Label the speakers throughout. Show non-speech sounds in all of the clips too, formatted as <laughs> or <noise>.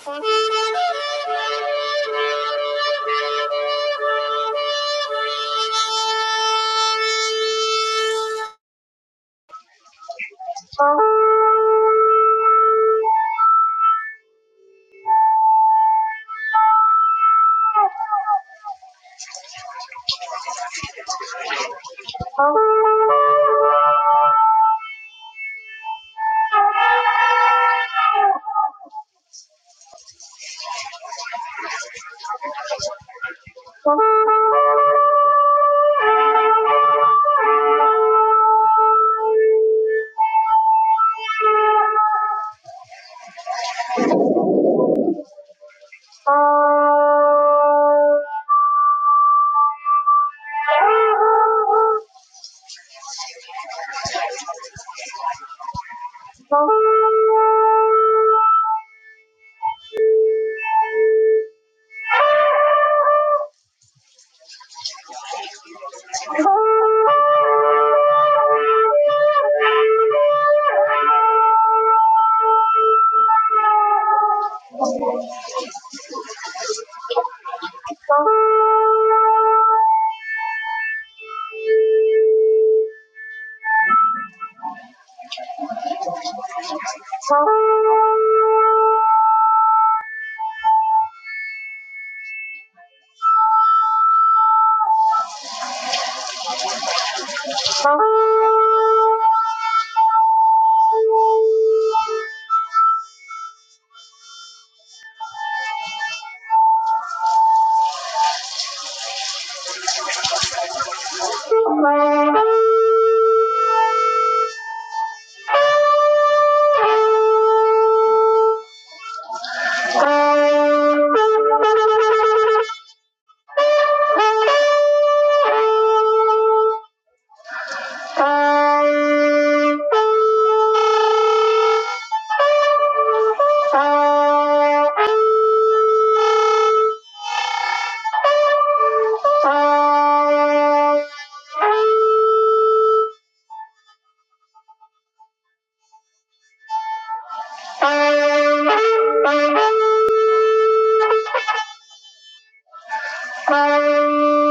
Speaker 1: Thank you. Thank you. Thank you.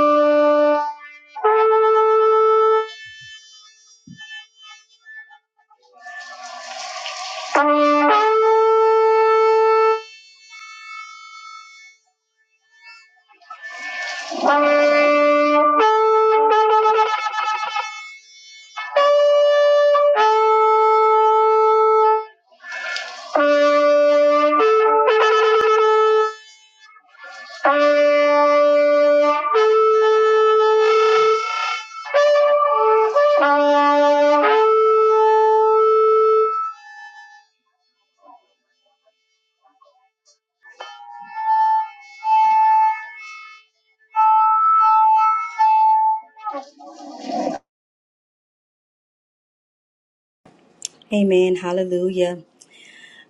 Speaker 2: Amen. Hallelujah.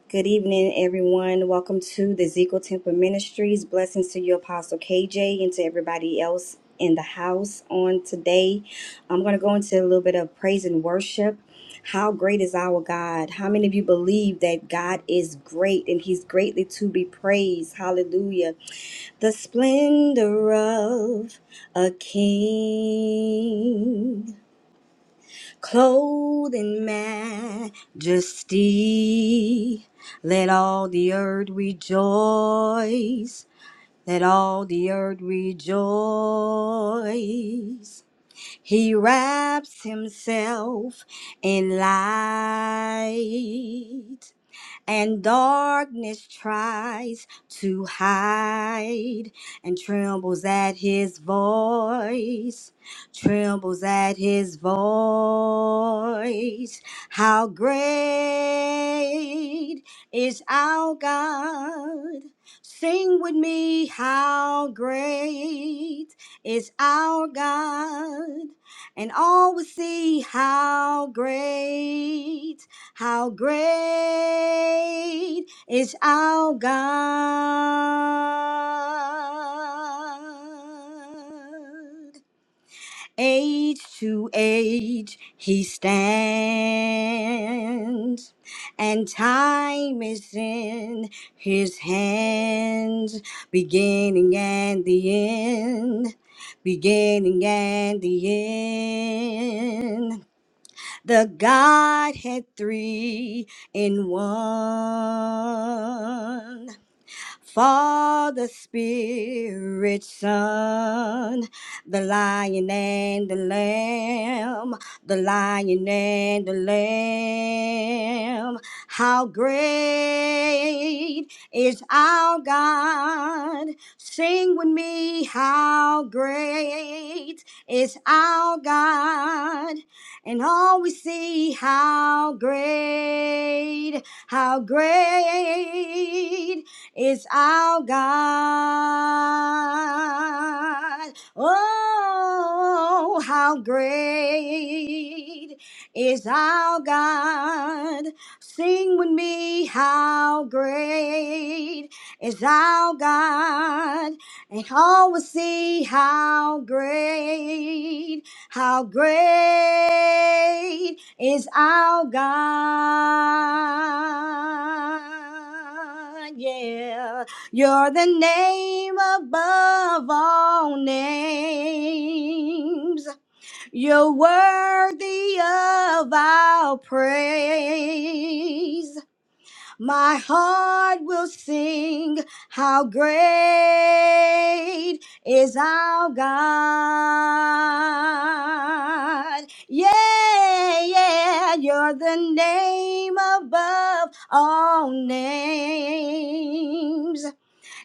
Speaker 2: Good evening, everyone. Welcome to the Ezekiel Temple Ministries. Blessings to you, Apostle KJ, and to everybody else in the house on today. I'm going to go into a little bit of praise and worship. How great is our God? How many of you believe that God is great and He's greatly to be praised? Hallelujah. The splendor of a king clothed in majesty. Let all the earth rejoice. Let all the earth rejoice. He wraps himself in light and darkness tries to hide and trembles at his voice, trembles at his voice. How great is our God! Sing with me, how great is our God, and all will see how great how great is our God? Age to age he stands, and time is in his hands, beginning and the end, beginning and the end the Godhead three in one. Father, Spirit, Son, the Lion and the Lamb, the Lion and the Lamb. How great is our God! Sing with me, how great is our God! And all we see, how great, how great is our God. Oh, how great is our God. Sing with me, how great is our God. And all will see how great how great is our God? Yeah, you're the name above all names. You're worthy of our praise. My heart will sing, How great is our God! Yeah, yeah, you're the name above all names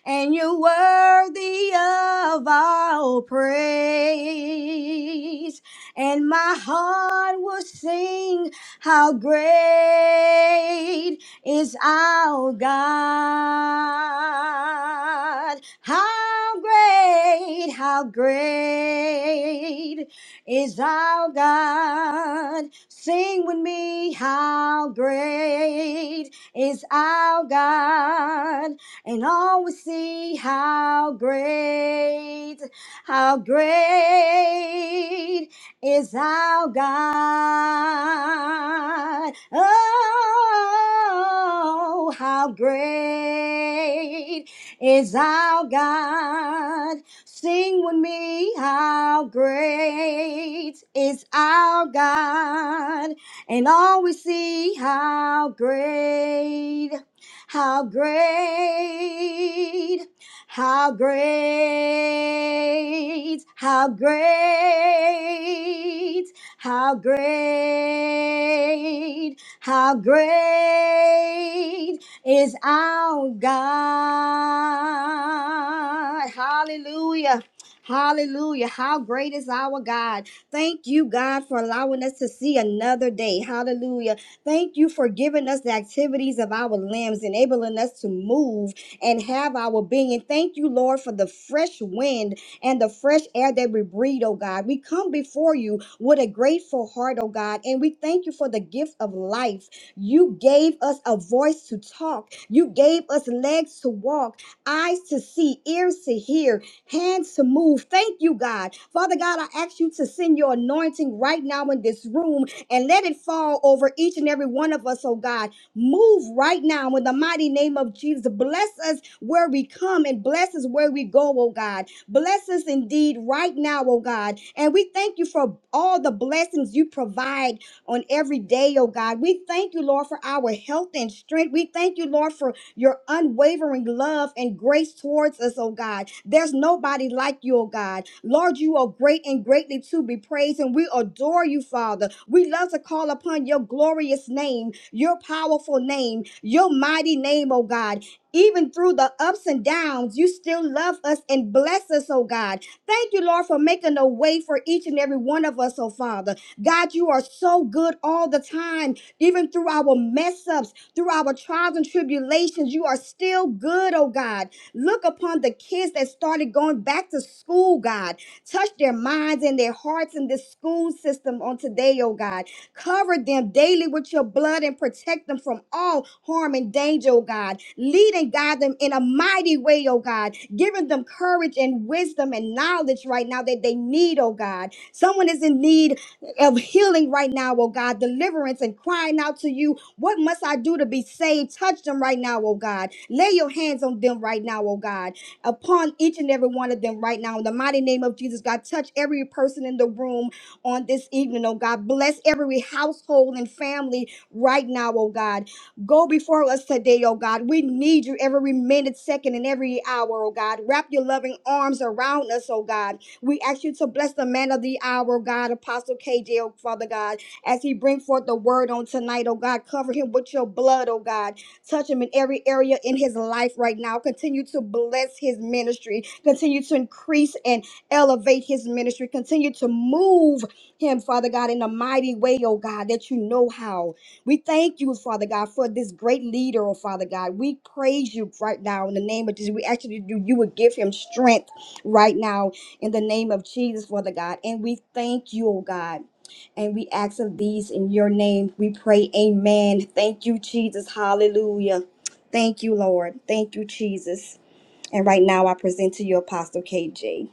Speaker 2: and you're worthy of all praise. And my heart will sing how great is our God. How great, how great is our God. Sing with me, how great is our God and all will see how great, how great is our God. Oh, how great is our God. Sing with me, how great is our God. And all we see, how great. How great, how great, how great, how great, how great is our God. Hallelujah. Hallelujah. How great is our God. Thank you, God, for allowing us to see another day. Hallelujah. Thank you for giving us the activities of our limbs, enabling us to move and have our being. And thank you, Lord, for the fresh wind and the fresh air that we breathe, oh God. We come before you with a grateful heart, oh God, and we thank you for the gift of life. You gave us a voice to talk, you gave us legs to walk, eyes to see, ears to hear, hands to move. Thank you, God. Father God, I ask you to send your anointing right now in this room and let it fall over each and every one of us, oh God. Move right now in the mighty name of Jesus. Bless us where we come and bless us where we go, oh God. Bless us indeed right now, oh God. And we thank you for all the blessings you provide on every day, oh God. We thank you, Lord, for our health and strength. We thank you, Lord, for your unwavering love and grace towards us, oh God. There's nobody like you, oh God. Lord, you are great and greatly to be praised, and we adore you, Father. We love to call upon your glorious name, your powerful name, your mighty name, oh God. Even through the ups and downs, you still love us and bless us, oh God. Thank you, Lord, for making a way for each and every one of us, oh Father. God, you are so good all the time, even through our mess ups through our trials and tribulations. You are still good, oh God. Look upon the kids that started going back to school, God. Touch their minds and their hearts in this school system on today, oh God. Cover them daily with your blood and protect them from all harm and danger, oh God. Lead and guide them in a mighty way, oh God. Giving them courage and wisdom and knowledge right now that they need, oh God. Someone is in need of healing right now, oh God. Deliverance and crying out to you what must I do to be saved? Touch them right now, oh God. Lay your hands on them right now, oh God. Upon each and every one of them right now. In the mighty name of Jesus, God, touch every person in the room on this evening, oh God. Bless every household and family right now, oh God. Go before us today, oh God. We need you every minute, second, and every hour, oh God. Wrap your loving arms around us, oh God. We ask you to bless the man of the hour, oh God, Apostle KJ, oh Father God as he bring forth the word on tonight, oh God. Cover him with your blood, oh God. Touch him in every area in his life right now. Continue to bless his ministry. Continue to increase and elevate his ministry. Continue to move him, Father God, in a mighty way, oh God, that you know how. We thank you, Father God, for this great leader, oh Father God. We praise you right now in the name of Jesus. We actually do you would give him strength right now in the name of Jesus, Father God. And we thank you, oh God. And we ask of these in your name. We pray, Amen. Thank you, Jesus. Hallelujah. Thank you, Lord. Thank you, Jesus. And right now, I present to you Apostle KJ.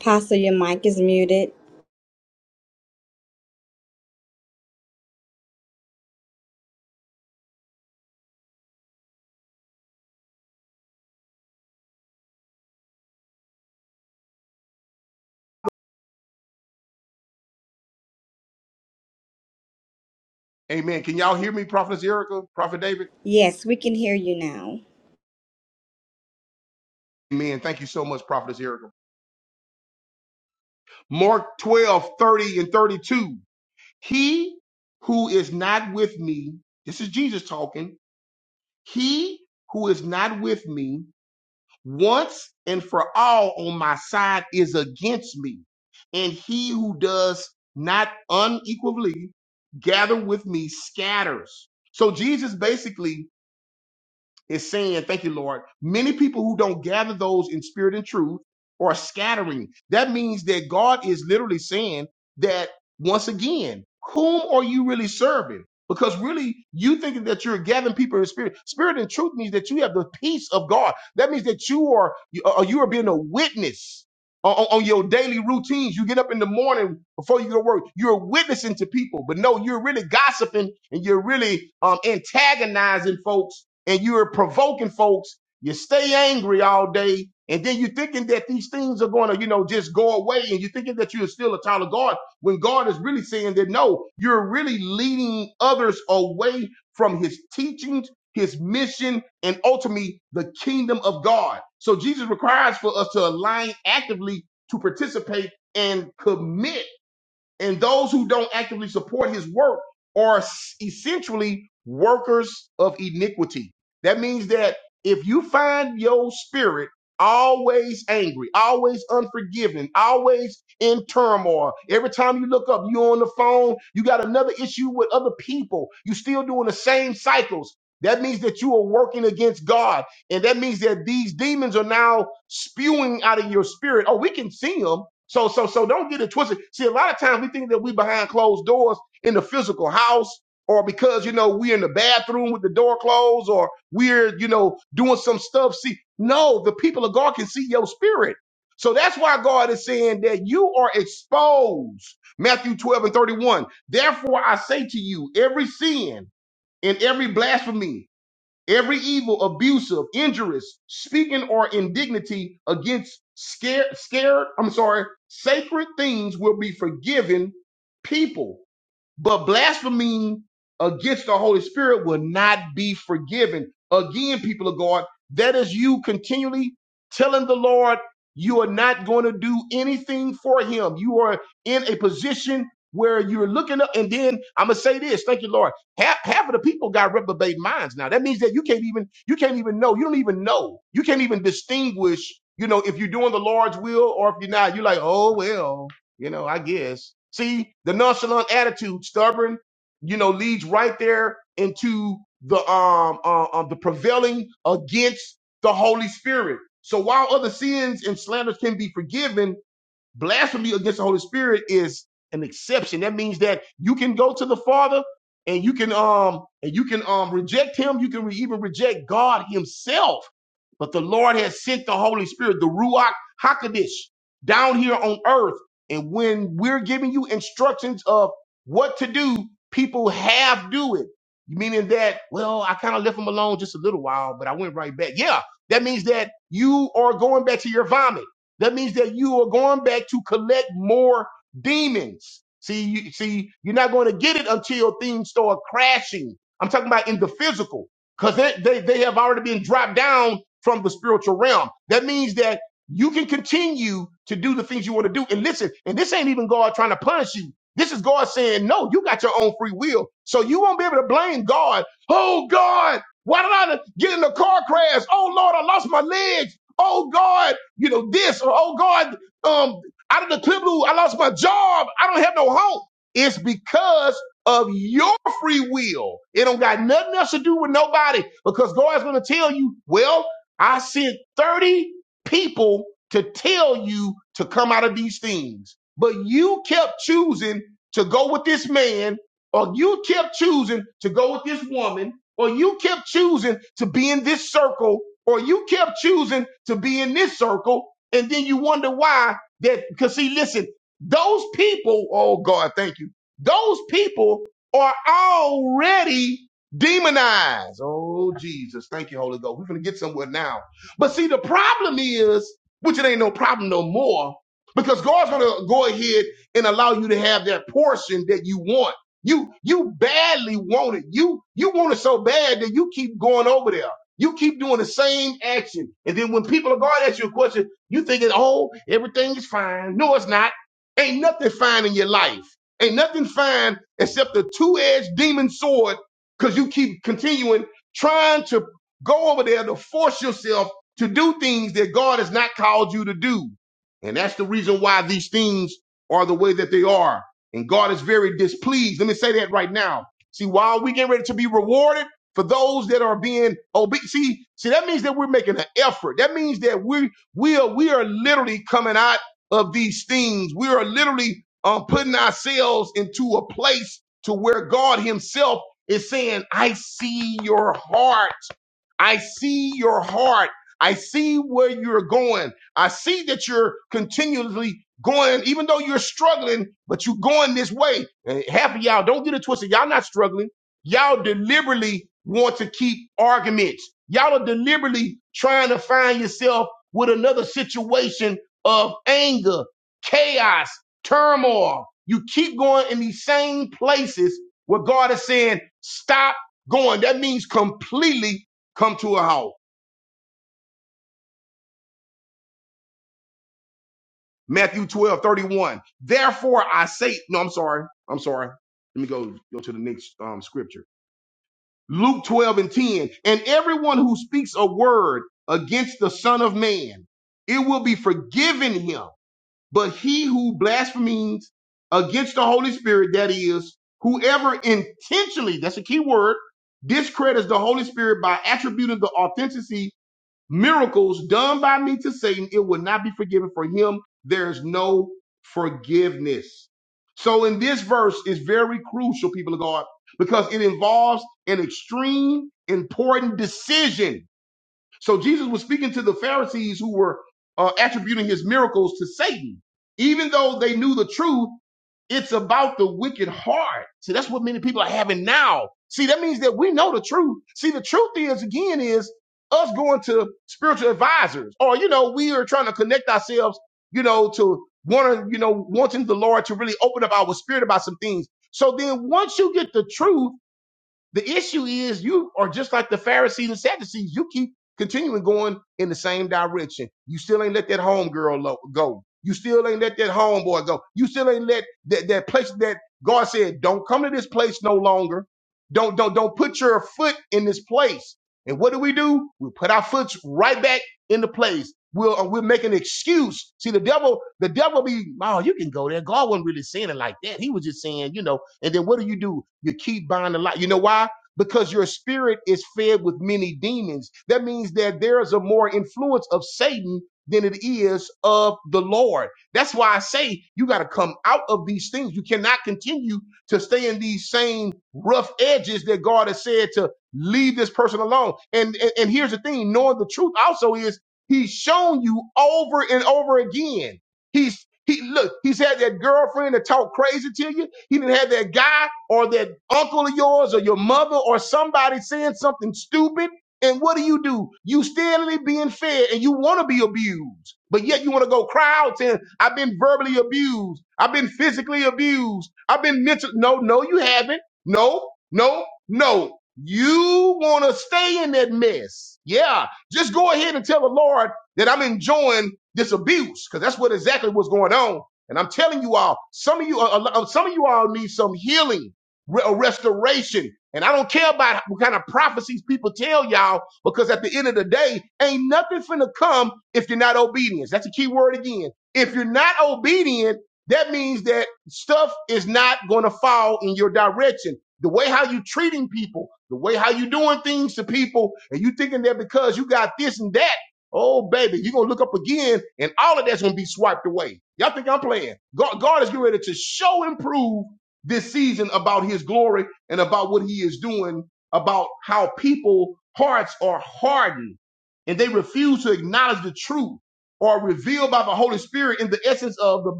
Speaker 2: Apostle, your mic is muted. Yes, we can hear you now.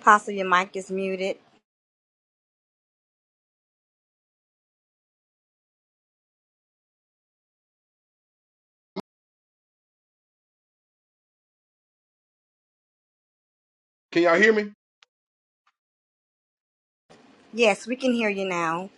Speaker 2: Apostle, your mic is muted. Yes, we can hear you now.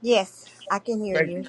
Speaker 2: Yes, I can hear you.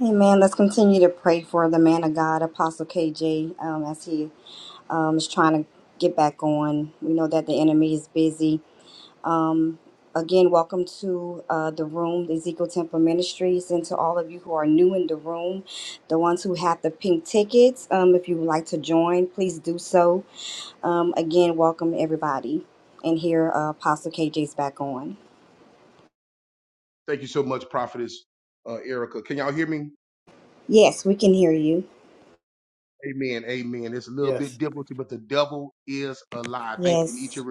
Speaker 2: Amen. Let's continue to pray for the man of God, Apostle KJ, um, as he um, is trying to get back on. We know that the enemy is busy Um, again, welcome to uh, the room, the Ezekiel Temple Ministries, and to all of you who are new in the room, the ones who have the pink tickets. Um, if you would like to join, please do so. Um, again, welcome everybody. And here, uh, Apostle KJ's back on. Yes, we can hear you.
Speaker 3: Yes,
Speaker 2: Yes.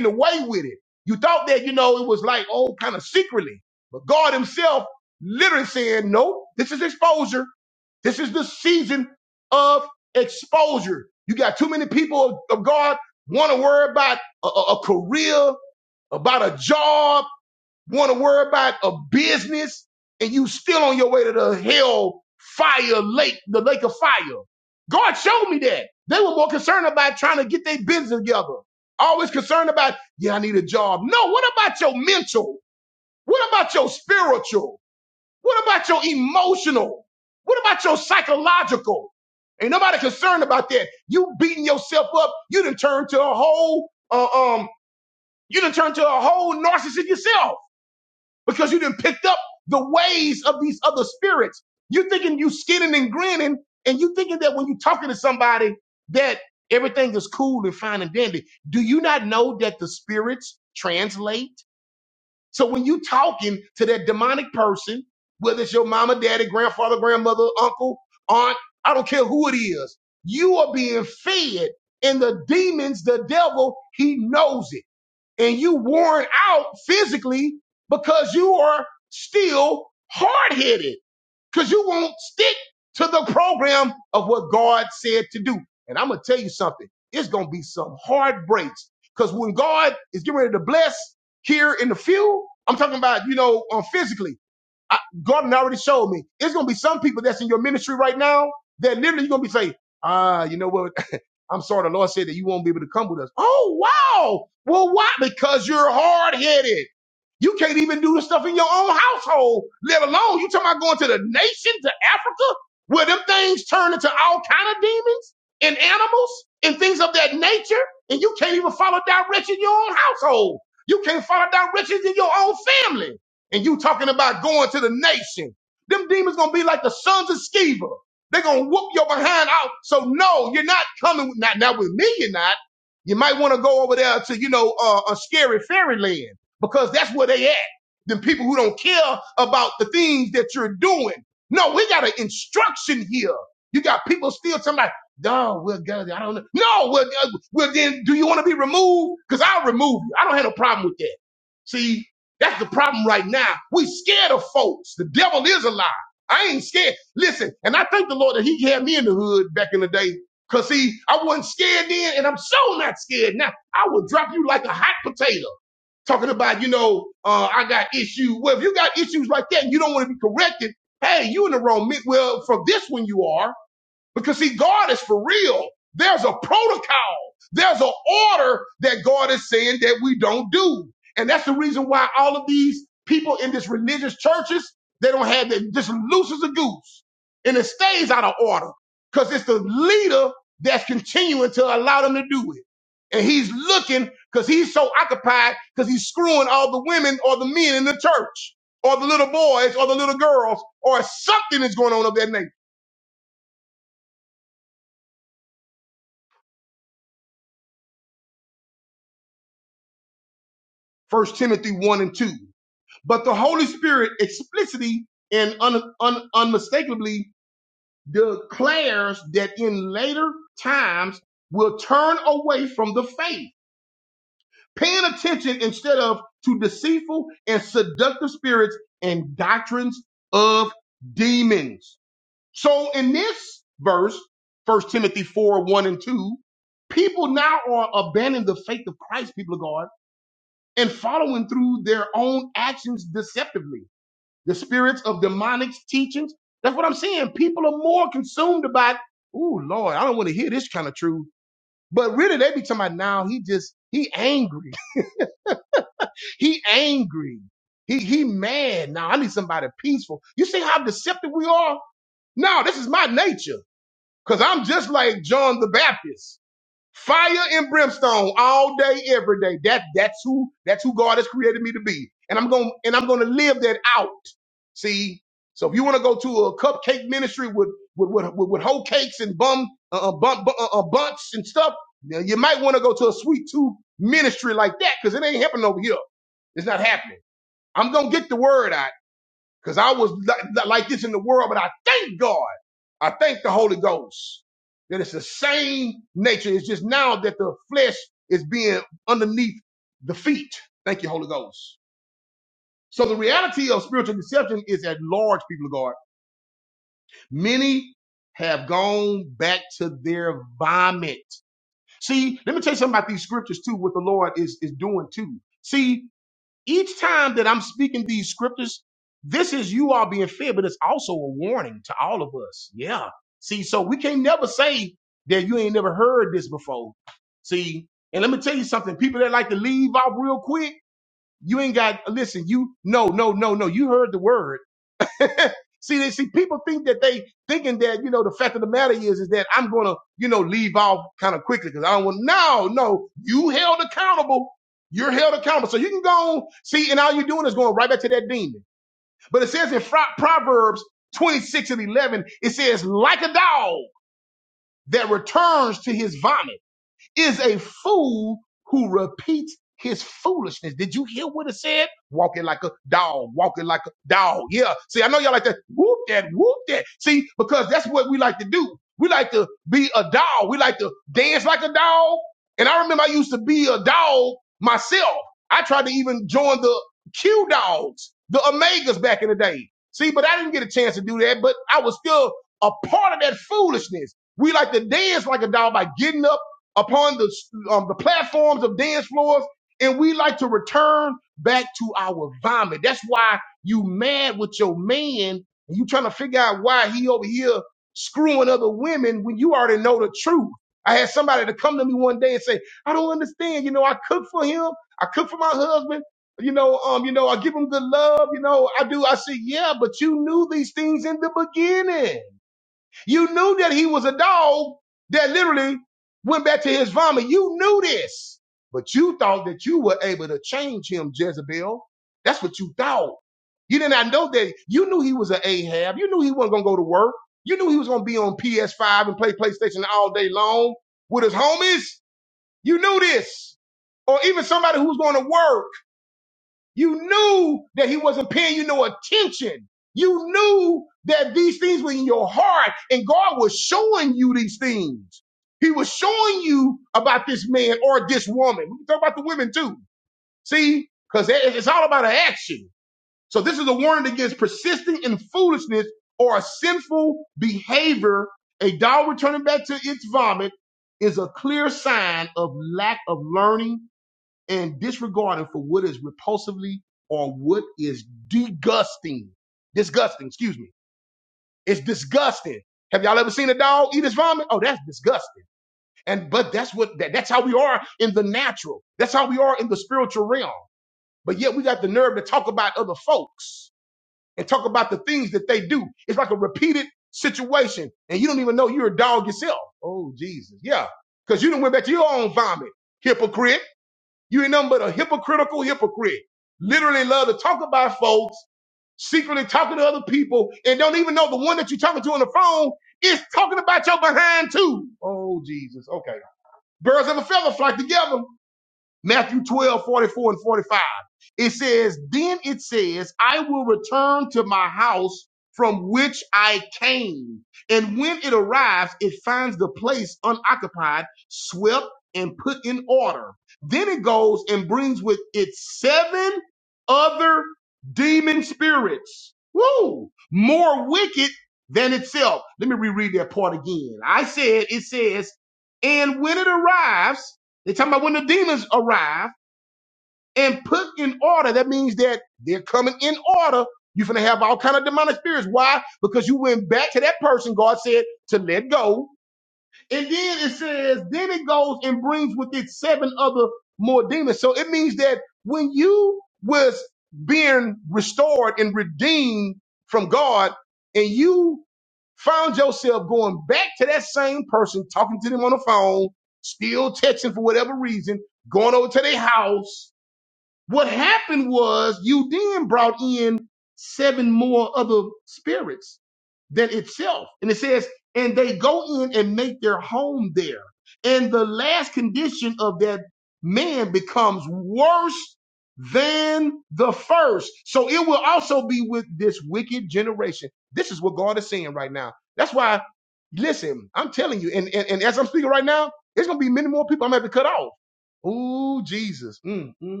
Speaker 1: Mhm.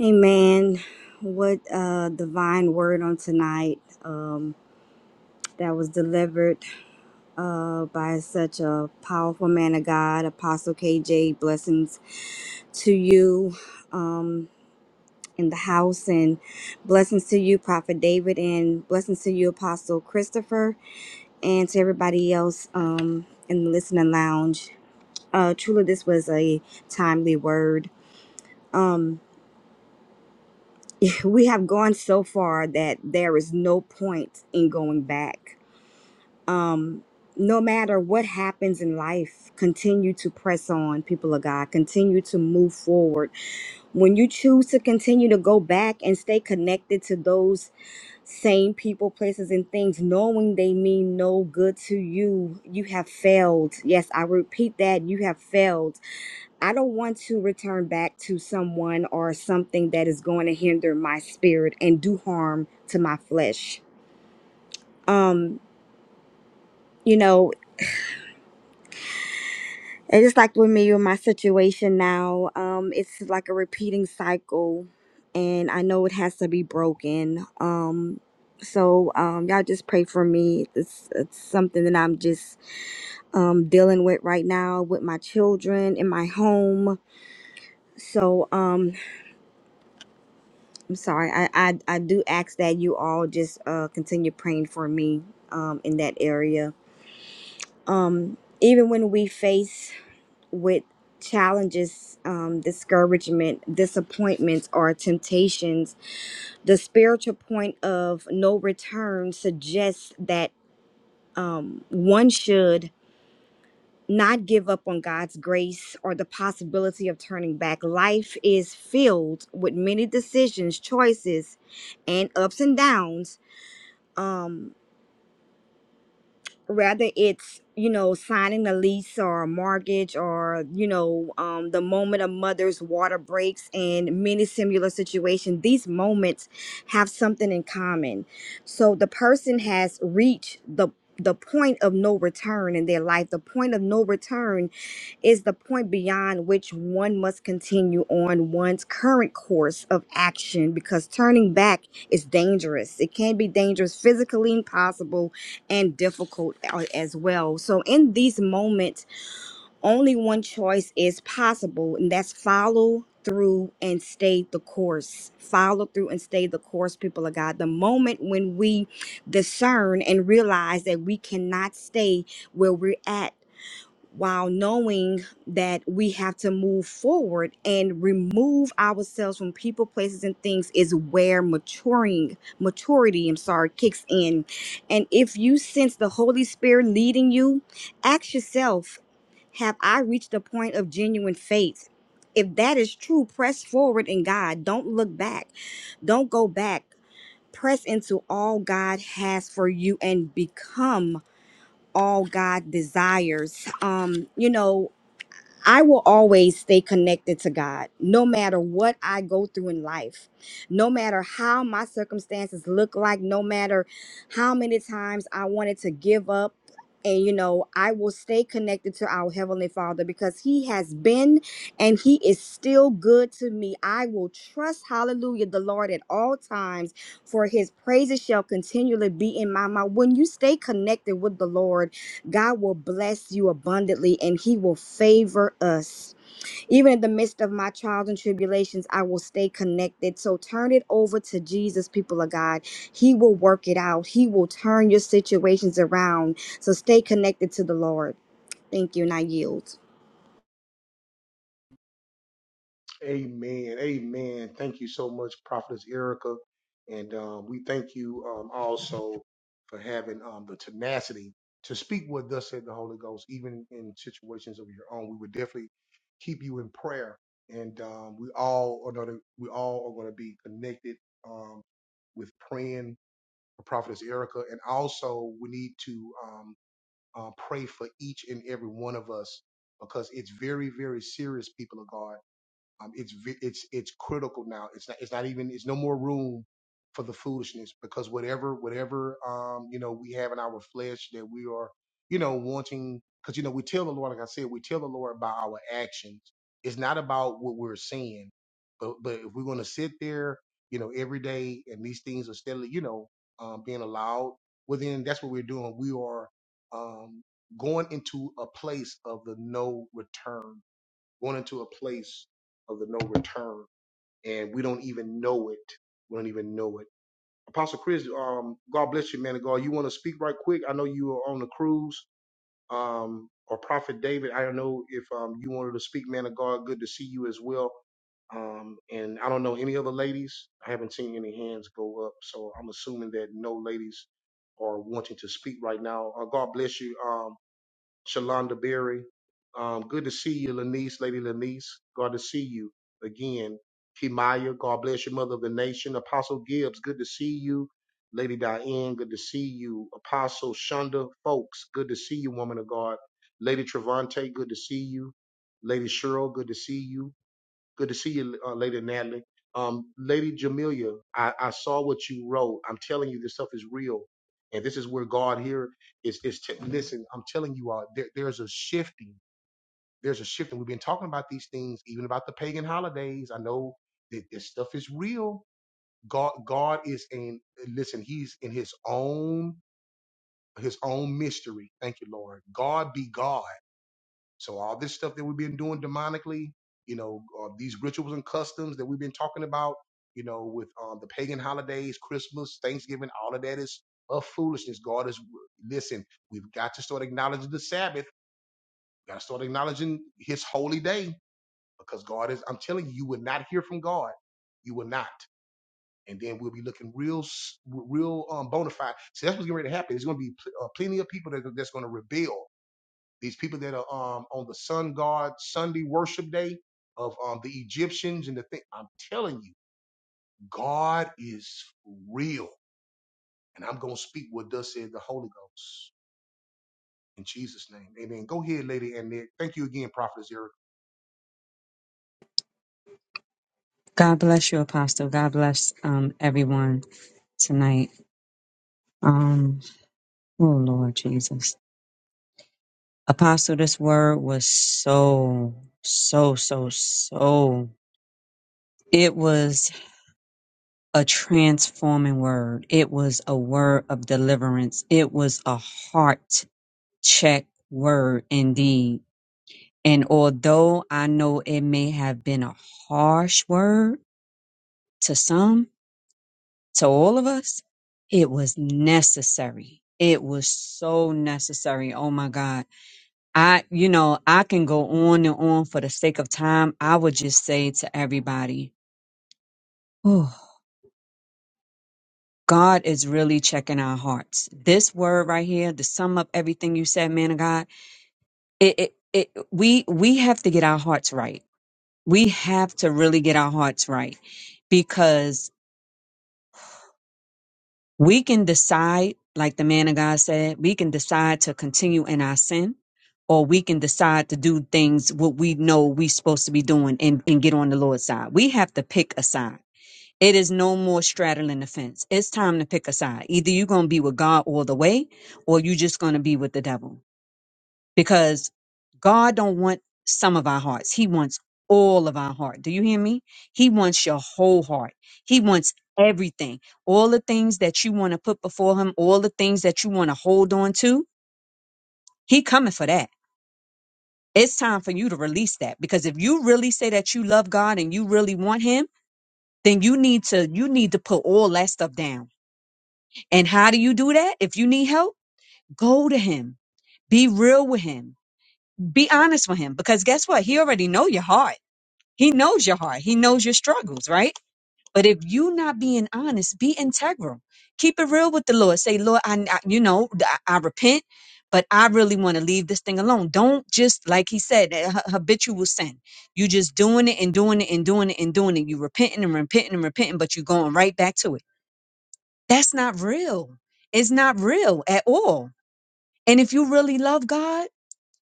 Speaker 2: Amen. What a divine word on tonight. Um, that was delivered uh, by such a powerful man of God, Apostle KJ. Blessings to you um, in the house, and blessings to you, Prophet David, and blessings to you, Apostle Christopher, and to everybody else um, in the listening lounge. Uh, truly, this was a timely word. Um, <laughs> we have gone so far that there is no point in going back um, no matter what happens in life, continue to press on, people of God. Continue to move forward. When you choose to continue to go back and stay connected to those same people, places, and things, knowing they mean no good to you, you have failed. Yes, I repeat that you have failed. I don't want to return back to someone or something that is going to hinder my spirit and do harm to my flesh. Um, you know, And just like with me with my situation now, um, it's like a repeating cycle, and I know it has to be broken. Um, so um, y'all just pray for me. It's it's something that I'm just um dealing with right now with my children in my home. So um, I'm sorry. I I, I do ask that you all just uh continue praying for me um in that area. Um, even when we face with challenges, um, discouragement, disappointments, or temptations, the spiritual point of no return suggests that um, one should not give up on God's grace or the possibility of turning back. Life is filled with many decisions, choices, and ups and downs. Um, Rather, it's you know signing a lease or a mortgage or you know um, the moment a mother's water breaks and many similar situations these moments have something in common so the person has reached the the point of no return in their life the point of no return is the point beyond which one must continue on one's current course of action because turning back is dangerous it can be dangerous physically impossible and difficult a- as well. So, in these moments, only one choice is possible, and that's follow through and stay the course. Follow through and stay the course, people of God. The moment when we discern and realize that we cannot stay where we're at while knowing that we have to move forward and remove ourselves from people places and things is where maturing maturity i'm sorry kicks in and if you sense the holy spirit leading you ask yourself have i reached the point of genuine faith if that is true press forward in god don't look back don't go back press into all god has for you and become all God desires. Um, you know, I will always stay connected to God no matter what I go through in life, no matter how my circumstances look like, no matter how many times I wanted to give up. And you know, I will stay connected to our Heavenly Father because He has been and He is still good to me. I will trust, hallelujah, the Lord at all times, for His praises shall continually be in my mouth. When you stay connected with the Lord, God will bless you abundantly and he will favor us. Even in the midst of my trials and tribulations, I will stay connected. So turn it over to Jesus, people of God. He will work it out, he will turn your situations around. So stay connected to the Lord. Thank you, and I yield.
Speaker 4: God bless you, Apostle. God bless um, everyone tonight. Um, oh Lord Jesus, Apostle, this word was so, so, so, so. It was a transforming word. It was a word of deliverance. It was a heart check word indeed. And although I know it may have been a harsh word to some, to all of us, it was necessary. It was so necessary. Oh my God. I, you know, I can go on and on for the sake of time. I would just say to everybody, oh, God is really checking our hearts. This word right here, to sum up everything you said, man of God, it, it, it, we, we have to get our hearts right. We have to really get our hearts right because We can decide, like the man of God said, we can decide to continue in our sin, or we can decide to do things what we know we supposed to be doing and, and get on the Lord's side. We have to pick a side. It is no more straddling the fence. It's time to pick a side. Either you're gonna be with God all the way, or you're just gonna be with the devil because God don't want some of our hearts. He wants all of our heart. Do you hear me? He wants your whole heart. He wants everything. All the things that you want to put before him, all the things that you want to hold on to, he coming for that. It's time for you to release that because if you really say that you love God and you really want him, then you need to you need to put all that stuff down. And how do you do that? If you need help, go to him. Be real with him. Be honest with him because guess what? He already know your heart. He knows your heart. He knows your struggles, right? But if you not being honest, be integral. Keep it real with the Lord. Say, Lord, I, I- you know, I, I repent, but I really want to leave this thing alone. Don't just, like he said, that ha- habitual sin. You just doing it and doing it and doing it and doing it. You repenting and repenting and repenting, but you going right back to it. That's not real. It's not real at all. And if you really love God,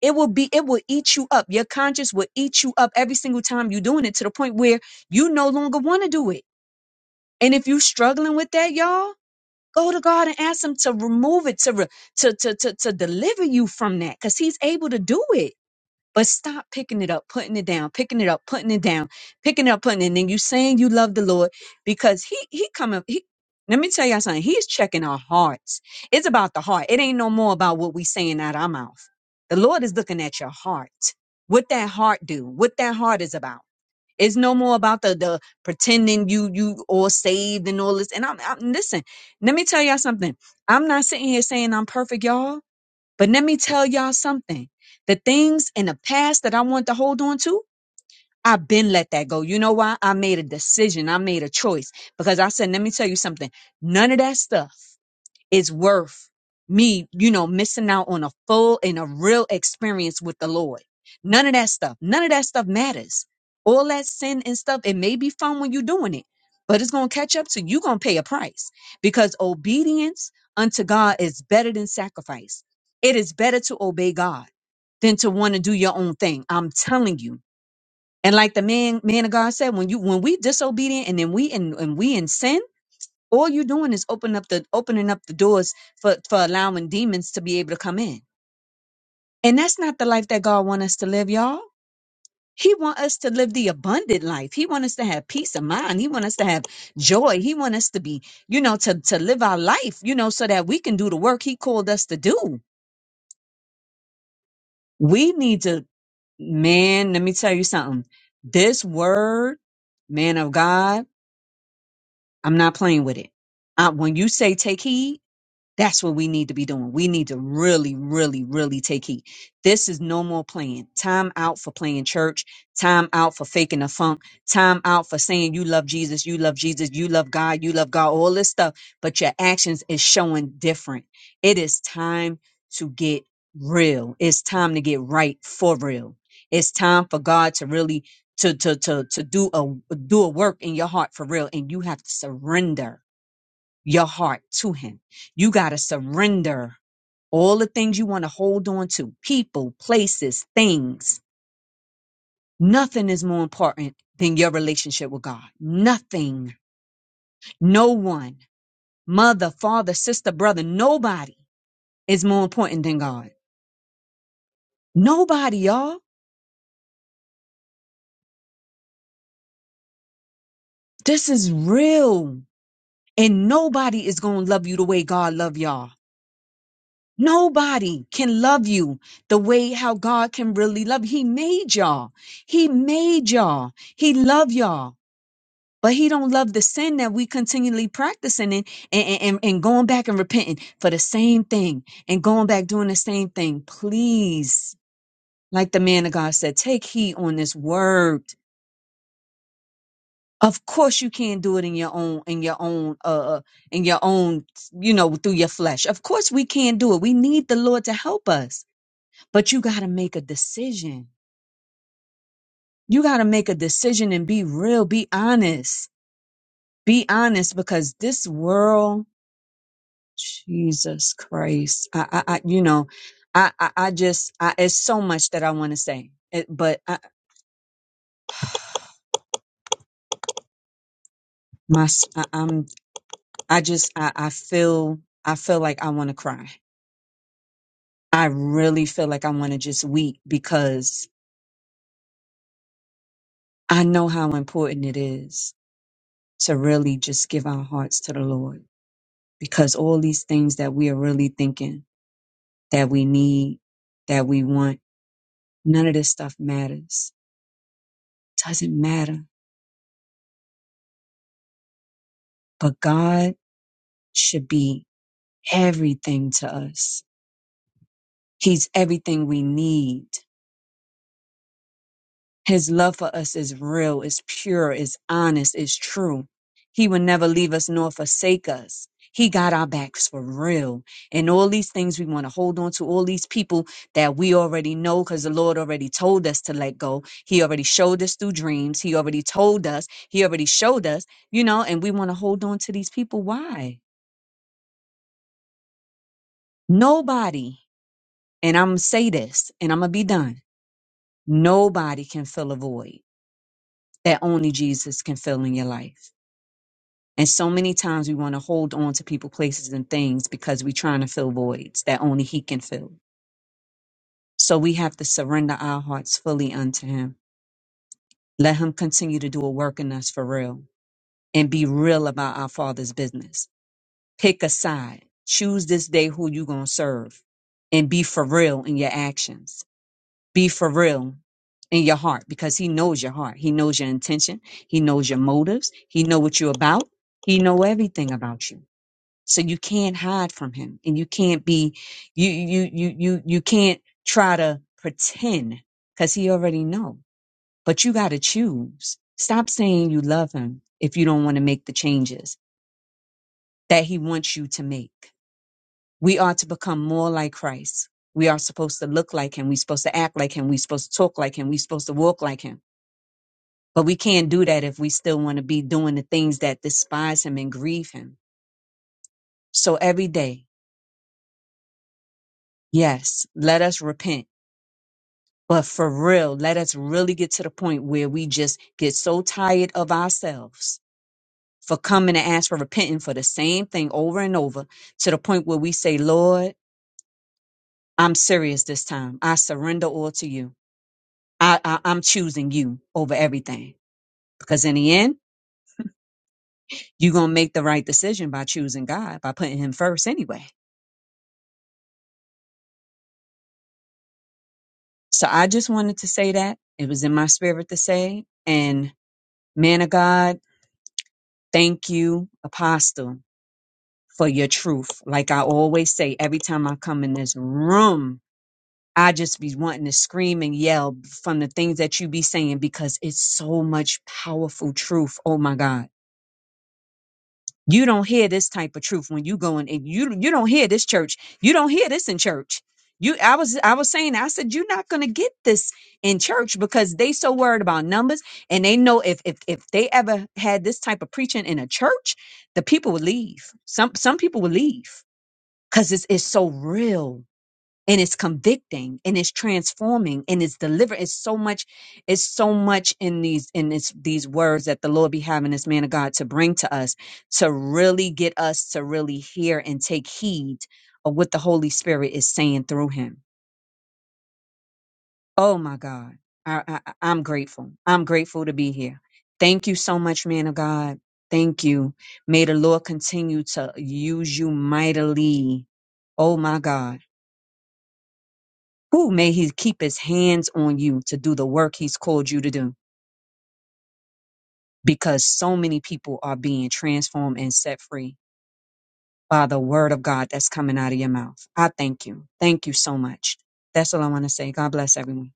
Speaker 4: it will be, it will eat you up. Your conscience will eat you up every single time you're doing it to the point where you no longer want to do it. And if you're struggling with that, y'all, go to God and ask Him to remove it, to, re- to, to, to, to deliver you from that because He's able to do it but stop picking it up, putting it down, picking it up, putting it down, picking it up, putting it. And then you saying you love the Lord because He He coming. He, let me tell y'all something. He's checking our hearts. It's about the heart. It ain't no more about what we saying out our mouth. The Lord is looking at your heart. What that heart do? What that heart is about? It's no more about the the pretending you you all saved and all this. And I'm, I'm listen. Let me tell y'all something. I'm not sitting here saying I'm perfect, y'all. But let me tell y'all something. The things in the past that I want to hold on to, I've been let that go. You know why? I made a decision. I made a choice because I said, let me tell you something. None of that stuff is worth me, you know, missing out on a full and a real experience with the Lord. None of that stuff. None of that stuff matters. All that sin and stuff, it may be fun when you're doing it, but it's going to catch up to you. You're going to pay a price because obedience unto God is better than sacrifice. It is better to obey God than to want to do your own thing. I'm telling you. And like the man, man of God said, when you, when we disobedient and then we, and, and we in sin, all you're doing is open up the opening up the doors for for allowing demons to be able to come in and that's not the life that god want us to live y'all he want us to live the abundant life he want us to have peace of mind he want us to have joy he want us to be you know to to live our life you know so that we can do the work he called us to do we need to man let me tell you something this word man of god i'm not playing with it uh, when you say take heed That's what we need to be doing. We need to really, really, really take heed. This is no more playing. Time out for playing church. Time out for faking the funk. Time out for saying you love Jesus, you love Jesus, you love God, you love God, all this stuff. But your actions is showing different. It is time to get real. It's time to get right for real. It's time for God to really to to to to do a do a work in your heart for real. And you have to surrender your heart to him. You got to surrender all the things you want to hold on to people, places, things. Nothing is more important than your relationship with God. Nothing. No one, mother, father, sister, brother, nobody is more important than God. Nobody, y'all. This is real. And nobody is going to love you the way God love y'all. Nobody can love you the way how God can really love. He made y'all. He made y'all. He love y'all. But he don't love the sin that we continually practicing and, and, and, and going back and repenting for the same thing and going back doing the same thing. Please, like the man of God said, take heed on this word. Of course you can't do it in your own, in your own, uh, uh, in your own, you know, through your flesh. Of course we can't do it. We need the Lord to help us but you got to make a decision. You got to make a decision and be real, be honest, be honest because this world, Jesus Christ, I, I, I you know, I, I, I just, I, it's so much that I want to say, it, but I, my, s- I, am I just, I, I feel, I feel like I want to cry. I really feel like I want to just weep because I know how important it is to really just give our hearts to the Lord because all these things that we are really thinking that we need, that we want, none of this stuff matters. Doesn't matter. But God should be everything to us. He's everything we need. His love for us is real, is pure, is honest, is true. He will never leave us nor forsake us. He got our backs for real. And all these things we want to hold on to, all these people that we already know because the Lord already told us to let go. He already showed us through dreams. He already told us. He already showed us, you know, and we want to hold on to these people. Why? Nobody, and I'm going to say this and I'm going to be done. Nobody can fill a void that only Jesus can fill in your life. And so many times we want to hold on to people, places, and things because we're trying to fill voids that only He can fill. So we have to surrender our hearts fully unto Him. Let Him continue to do a work in us for real and be real about our Father's business. Pick a side. Choose this day who you're going to serve and be for real in your actions. Be for real in your heart because He knows your heart. He knows your intention. He knows your motives. He know what you're about. He know everything about you. So you can't hide from him and you can't be, you, you, you, you, you can't try to pretend because he already know, but you got to choose. Stop saying you love him if you don't want to make the changes that he wants you to make. We are to become more like Christ. We are supposed to look like him. We're supposed to act like him. We're supposed to talk like him. We're supposed to walk like him. But we can't do that if we still want to be doing the things that despise him and grieve him. So every day, yes, let us repent But for real, let us really get to the point where we just get so tired of ourselves for coming and ask for repenting for the same thing over and over to the point where we say, Lord, I'm serious this time. I surrender all to you. I, I, I'm choosing you over everything. Because in the end, you're going to make the right decision by choosing God, by putting Him first anyway. So I just wanted to say that. It was in my spirit to say. And man of God, thank you, Apostle for your truth. Like I always say, every time I come in this room, I just be wanting to scream and yell from the things that you be saying because it's so much powerful truth. Oh my God. You don't hear this type of truth when you go in and you you don't hear this church. You don't hear this in church. You I was I was saying I said you're not gonna get this in church because they so worried about numbers and they know if if if they ever had this type of preaching in a church, the people would leave. Some some people would leave because it's, it's so real and it's convicting and it's transforming and it's delivering. it's so much it's so much in these in this, these words that the lord be having this man of god to bring to us to really get us to really hear and take heed of what the holy spirit is saying through him oh my god I, I I- i'm grateful i'm grateful to be here thank you so much man of god thank you may the lord continue to use you mightily oh my god Who may he keep his hands on you to do the work he's called you to do? Because so many people are being transformed and set free by the word of God that's coming out of your mouth. I thank you. Thank you so much. That's all I want to say. God bless everyone.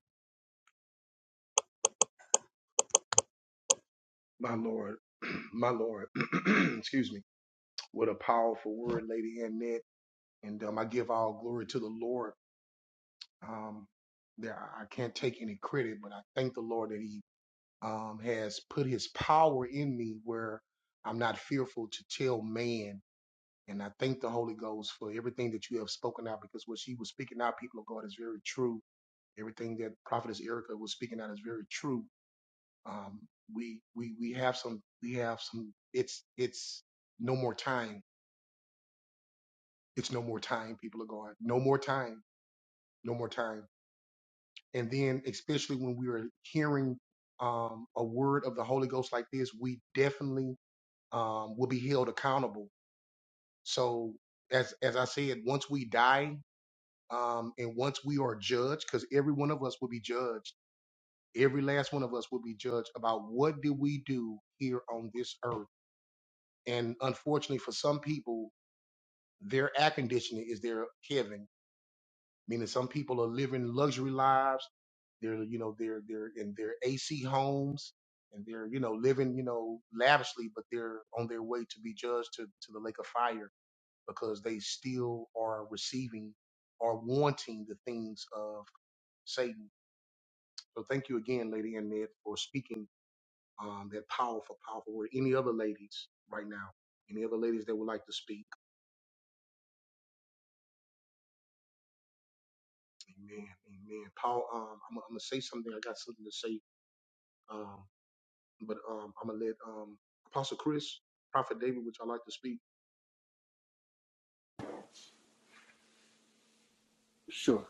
Speaker 3: sure.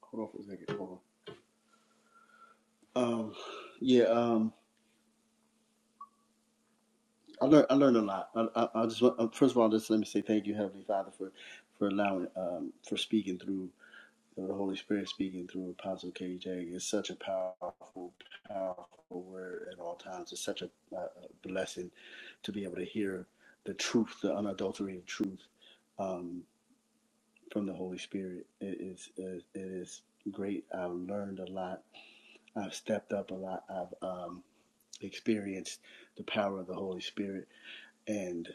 Speaker 3: Hold on for a second. Hold on. Um, yeah. Um, I learned. I learned a lot. I, I, I just want- uh, first of all, just let me say thank you, Heavenly Father, for for allowing um for speaking through the Holy Spirit, speaking through Apostle KJ. It's such a powerful, powerful word at all times. It's such a, a a blessing to be able to hear the truth, the unadulterated truth, um, from the Holy Spirit. It is. It is great. I learned a lot I've stepped up a lot. I've um, experienced the power of the Holy Spirit, and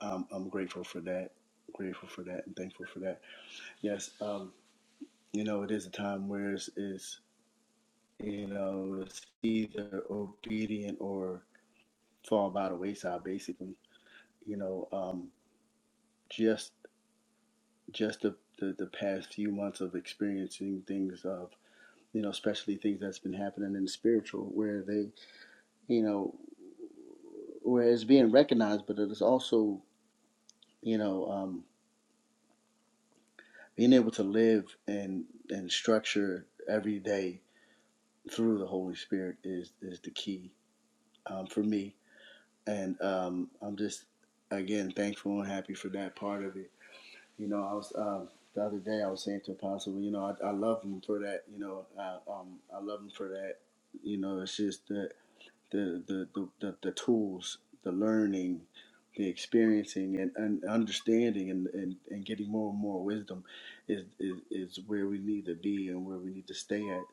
Speaker 3: um, I'm grateful for that. Grateful for that, and thankful for that. Yes, um, you know, it is a time where it's, it's you know it's either obedient or fall by the wayside. Basically, you know, um, just just the, the the past few months of experiencing things of you know, especially things that's been happening in the spiritual where they you know, where it's being recognized, but it is also, you know, um, being able to live and and structure every day through the Holy Spirit is is the key um, for me, and um, I'm just again thankful and happy for that part of it. You know, I was um, the other day I was saying to Apostle, you know, I, I love him for that. You know, I, um, I love him for that. You know, it's just that. the the the, the, the tools, the learning, the experiencing, and, and understanding, and, and, and getting more and more wisdom, is, is is where we need to be and where we need to stay at,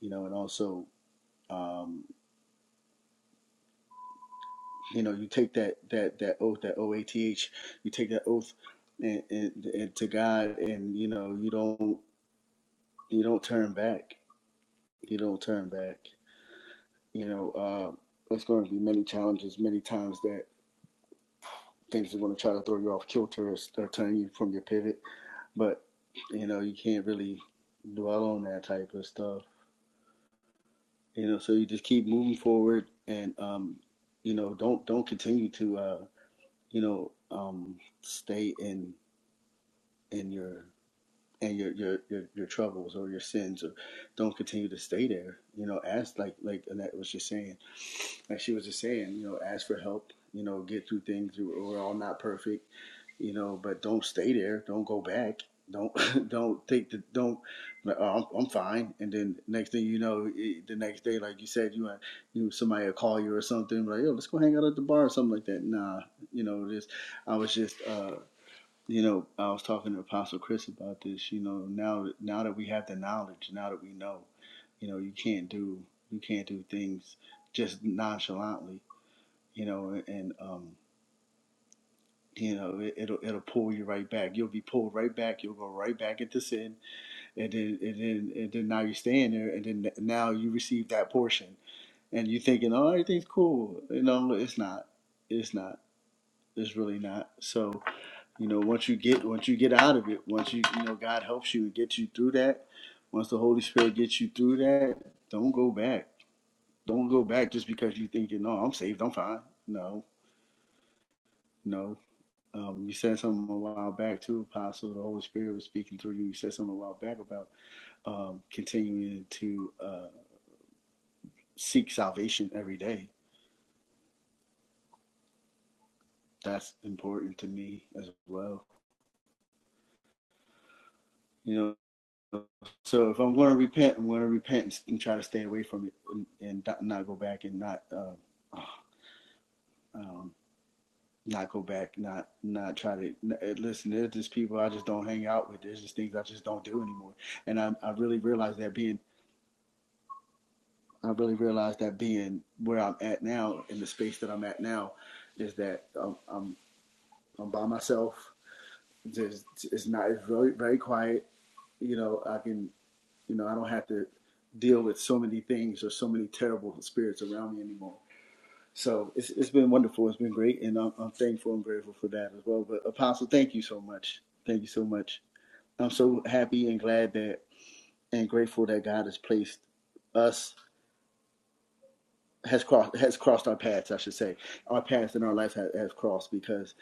Speaker 3: you know. And also, um, you know, you take that that that oath, that oath, you take that oath, and, and, and to God, and you know, you don't you don't turn back, you don't turn back, you know. Uh, there's going to be many challenges, many times that things are going to try to throw you off kilter or, or turn you from your pivot. But you know, you can't really dwell on that type of stuff. You know, so you just keep moving forward, and um, you know, don't don't continue to uh, you know um, stay in in your and your, your your your troubles or your sins, or don't continue to stay there. You know, ask like like Annette was just saying like she was just saying, you know, ask for help, you know, get through things. We're all not perfect, you know, but don't stay there. Don't go back. Don't <laughs> don't think that don't. like, Oh, I'm, I'm fine. And then next thing you know, it, the next day, like you said, you you somebody will call you or something like, yo, let's go hang out at the bar or something like that. Nah, you know, this I was just uh, you know, I was talking to Apostle Chris about this. You know, now now that we have the knowledge, now that we know, you know, you can't do you can't do things just nonchalantly. You know, and um, you know, it, it'll it'll pull you right back. You'll be pulled right back. You'll go right back into sin, and then and then and then now you're staying there, and then now you receive that portion, and you're thinking, oh, everything's cool. You know, it's not. It's not. It's really not. So. you know once you get once you get out of it once you you know god helps you and gets you through that once the holy spirit gets you through that don't go back don't go back just because you think you know i'm saved i'm fine no no um, you said something a while back too apostle the holy spirit was speaking through you you said something a while back about um, continuing to uh, seek salvation every day that's important to me as well you know So if I'm going to repent, I'm going to repent and try to stay away from it and, and not go back and not uh, <sighs> um, not go back, not not try to eh, listen. There's just people I just don't hang out with. There's just things I just don't do anymore. And I I really realized that being I really realized that being where I'm at now in the space that I'm at now is that um, I'm I'm by myself. There's it's not it's very very quiet. You know I can You know, I don't have to deal with so many things or so many terrible spirits around me anymore. So it's it's been wonderful. It's been great, and I'm, I'm thankful and grateful for that as well. But Apostle, thank you so much. Thank you so much. I'm so happy and glad that and grateful that God has placed us has crossed has crossed our paths, I should say. Our paths in our life has, has crossed because,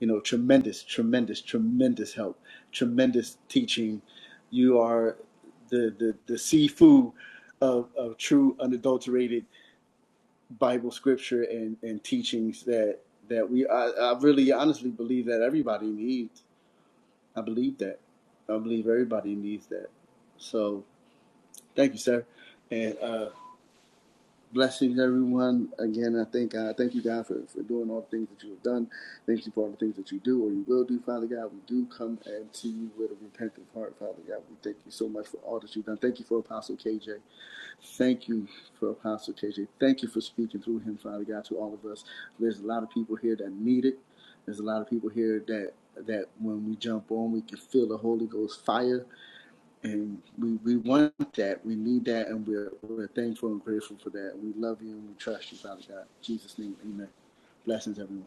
Speaker 3: you know, tremendous, tremendous, tremendous help, tremendous teaching. You are the the, the seafood of, of true unadulterated Bible scripture and, and teachings that that we I, I really honestly believe that everybody needs. I believe that. I believe everybody needs that. So thank you, sir. And uh Blessings, everyone. Again, I thank God. Thank you, God, for, for doing all the things that you have done. Thank you for all the things that you do or you will do, Father God. We do come and to you with a repentant heart, Father God. We thank you so much for all that you've done. Thank you for Apostle KJ. Thank you for Apostle KJ. Thank you for speaking through him, Father God, to all of us. There's a lot of people here that need it. There's a lot of people here that that when we jump on, we can feel the Holy Ghost fire and we, we want that. We need that, and we're, we're thankful and grateful for that. We love you and we trust you, Father God. In Jesus' name, amen. Blessings, everyone.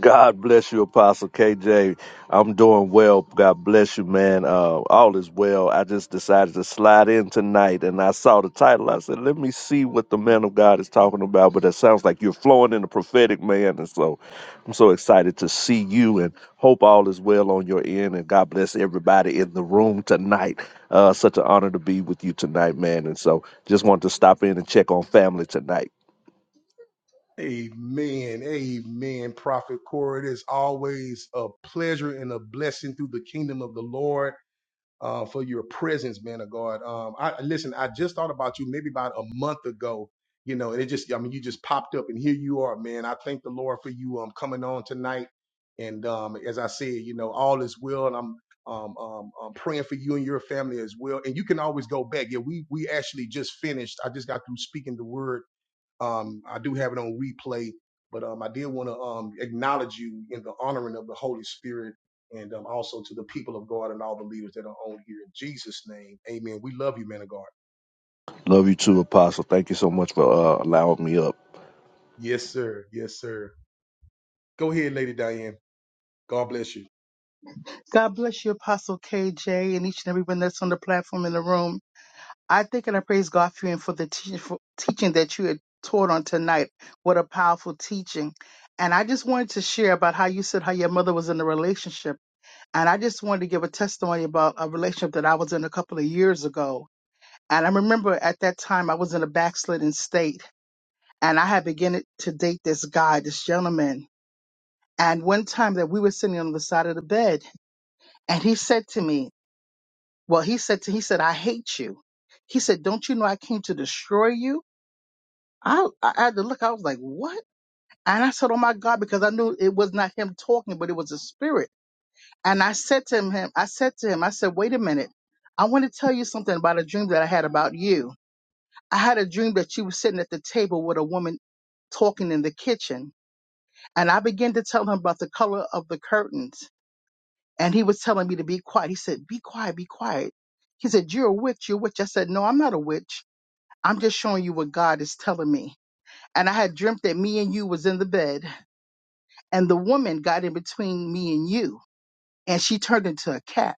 Speaker 5: God bless you, Apostle KJ. I'm doing well. God bless you, man. Uh, all is well. I just decided to slide in tonight and I saw the title. I said, let me see what the man of God is talking about. But it sounds like you're flowing in the prophetic, man. And so I'm so excited to see you and hope all is well on your end. And God bless everybody in the room tonight. Uh, such an honor to be with you tonight, man. And so just wanted to stop in and check on family tonight. Love you too, Apostle. Thank you so much for uh, allowing me up.
Speaker 6: God bless you, Apostle KJ, and each and everyone that's on the platform in the room. I think and I praise God for you and for the teaching, for teaching that you had taught on tonight. What a powerful teaching. And I just wanted to share about how you said how your mother was in a relationship. And I just wanted to give a testimony about a relationship that I was in a couple of years ago. And I remember at that time I was in a backslidden state and I had begun to date this guy, this gentleman. And one time that we were sitting on the side of the bed and he said to me, Well, he said to, he said, I hate you. He said, don't you know I came to destroy you? I, I had to look. I was like, what? And I said, oh my God, because I knew it was not him talking, but it was a spirit. And I said to him, him- I said to him, I said, wait a minute. I want to tell you something about a dream that I had about you. I had a dream that you were sitting at the table with a woman talking in the kitchen. And I began to tell him about the color of the curtains. And he was telling me to be quiet. He said, be quiet, be quiet. He said, you're a witch, you're a witch. I said, no, I'm not a witch. I'm just showing you what God is telling me. And I had dreamt that me and you was in the bed and the woman got in between me and you and she turned into a cat.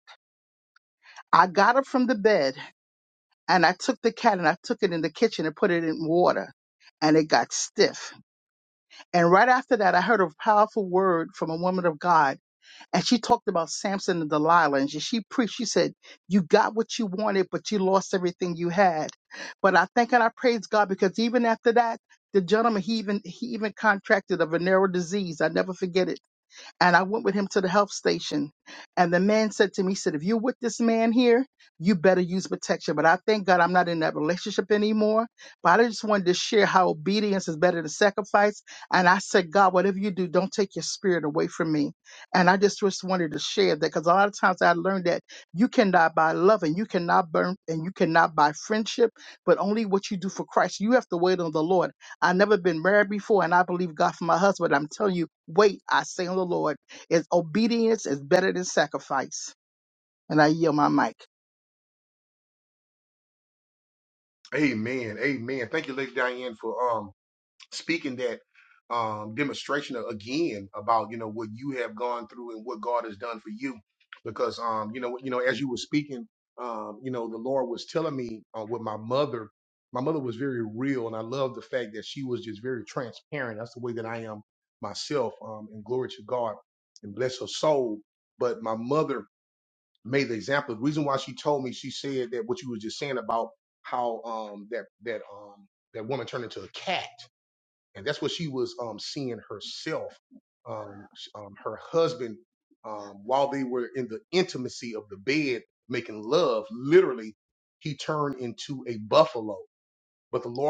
Speaker 6: I got up from the bed and I took the cat and I took it in the kitchen and put it in water and it got stiff. And right after that, I heard a powerful word from a woman of God and she talked about Samson and Delilah, and she, she preached. She said, "You got what you wanted, but you lost everything you had." But I thank and I praise God because even after that, the gentleman he even he even contracted a venereal disease. I never forget it and I went with him to the health station. And the man said to me, he said, if you're with this man here, you better use protection. But I thank God I'm not in that relationship anymore. But I just wanted to share how obedience is better than sacrifice. And I said, God, whatever you do, don't take your spirit away from me. And I just, just wanted to share that because a lot of times I learned that you cannot buy love and you cannot burn and you cannot buy friendship, but only what you do for Christ. You have to wait on the Lord. I've never been married before, and I believe God for my husband. I'm telling you, wait, I say on the Lord, is obedience is better than sacrifice. And I yield my mic.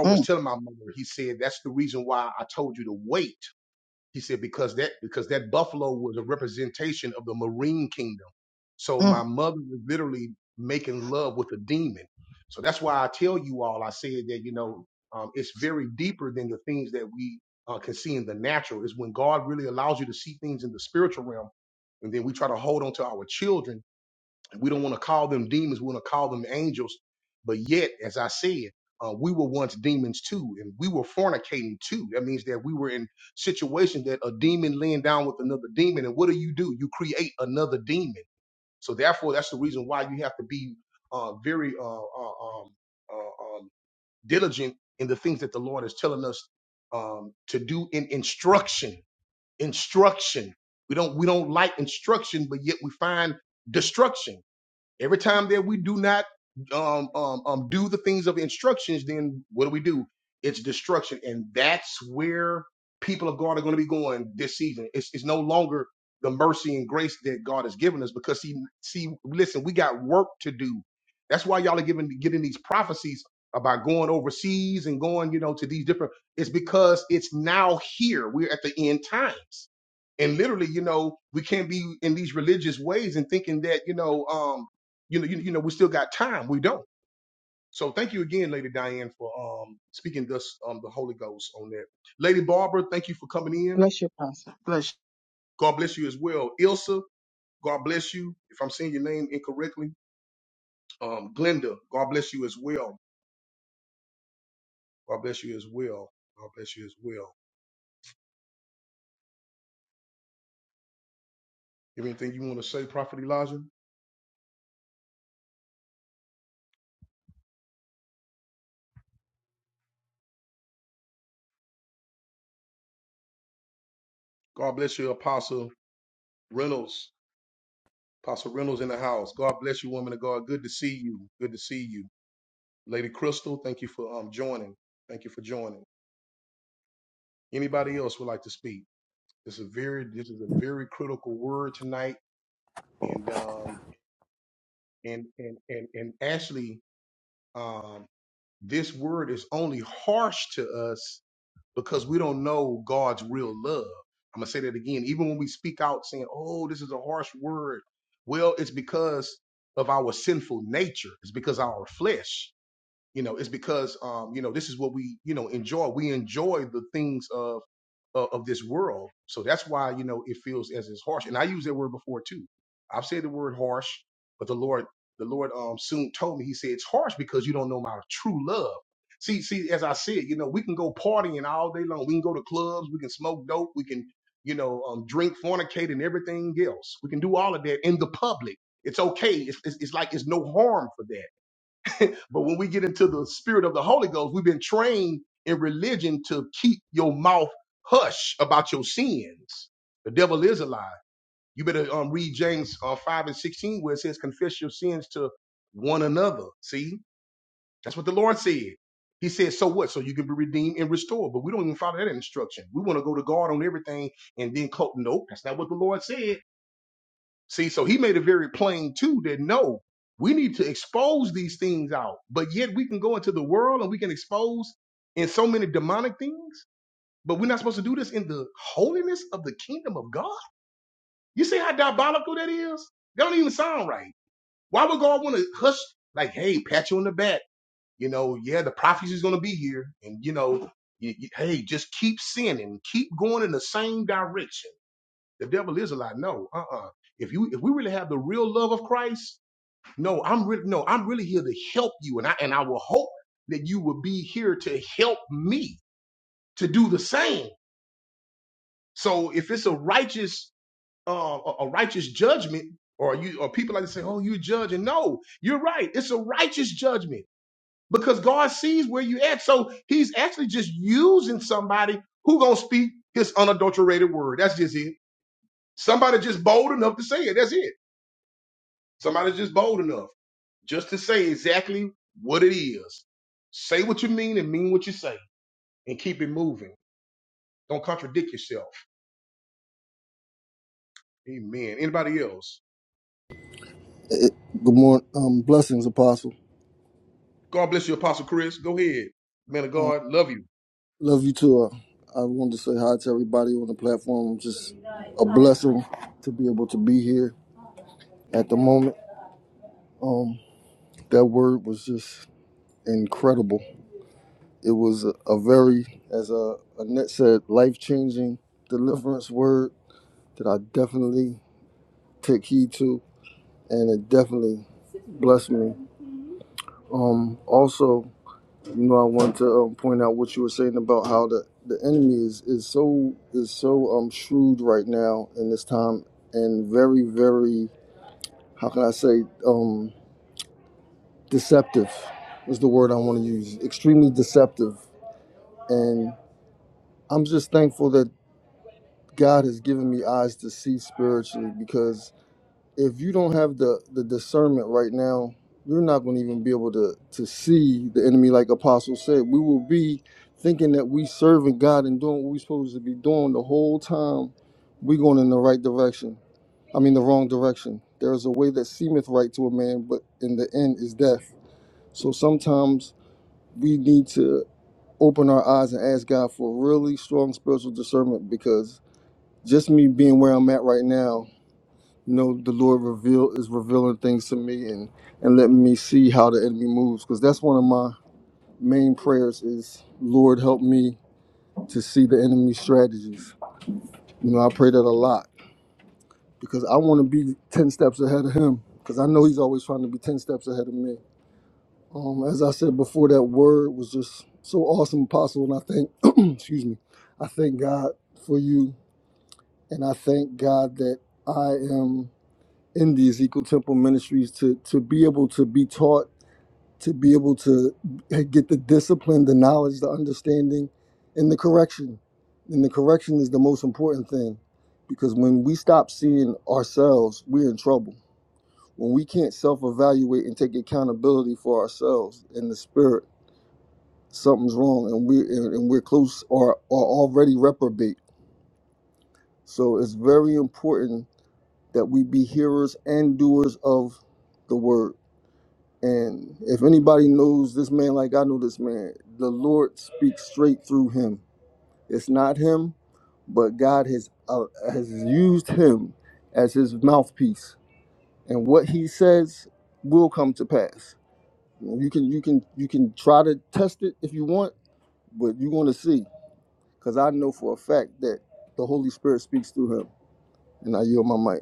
Speaker 6: Mm, mm. Bless your pastor. Bless you.
Speaker 7: Eh, Good morning. Um, blessings, Apostle. Um, love you too. Uh, I wanted to say hi to everybody on the platform. Just a blessing to be able to be here at the moment. Um, that word was just incredible. It was a, a very, as uh, Annette said, life changing deliverance word that I definitely take heed to, and it definitely blessed me. Um, also, You know, I want to um, point out what you were saying about how the, the enemy is, is so is so um shrewd right now in this time and very very how can I say um deceptive is the word I want to use extremely deceptive and I'm just thankful that God has given me eyes to see spiritually because if you don't have the the discernment right now, you're not going to even be able to to see the enemy. Like Apostle said, we will be thinking that we serving God and doing what we're supposed to be doing the whole time. We going in the right direction. I mean, the wrong direction. There is a way that seemeth right to a man, but in the end is death. So sometimes we need to open our eyes and ask God for really strong spiritual discernment because just me being where I'm at right now you know, the Lord reveal is revealing things to me and and letting me see how the enemy moves. Because that's one of my main prayers is Lord help me to see the enemy's strategies. You know, I pray that a lot because I want to be ten steps ahead of him. Because I know he's always trying to be ten steps ahead of me. Um, as I said before, that word was just so awesome, apostle. And I thank, <clears throat> excuse me, I thank God for you, and I thank God that I am. in the Ezekiel Temple Ministries to to be able to be taught, to be able to get the discipline, the knowledge, the understanding, and the correction. And the correction is the most important thing, because when we stop seeing ourselves, we're in trouble. When we can't self-evaluate and take accountability for ourselves in the spirit, something's wrong, and we and and we're close or are already reprobate. So it's very important that we be hearers and doers of the word And if anybody knows this man like I know this man, the Lord speaks straight through him. It's not him, but God has uh, has used him as his mouthpiece, and what he says will come to pass. You can you can you can try to test it if you want, but you're going to see because I know for a fact that the Holy Spirit speaks through him. And I yield my mic.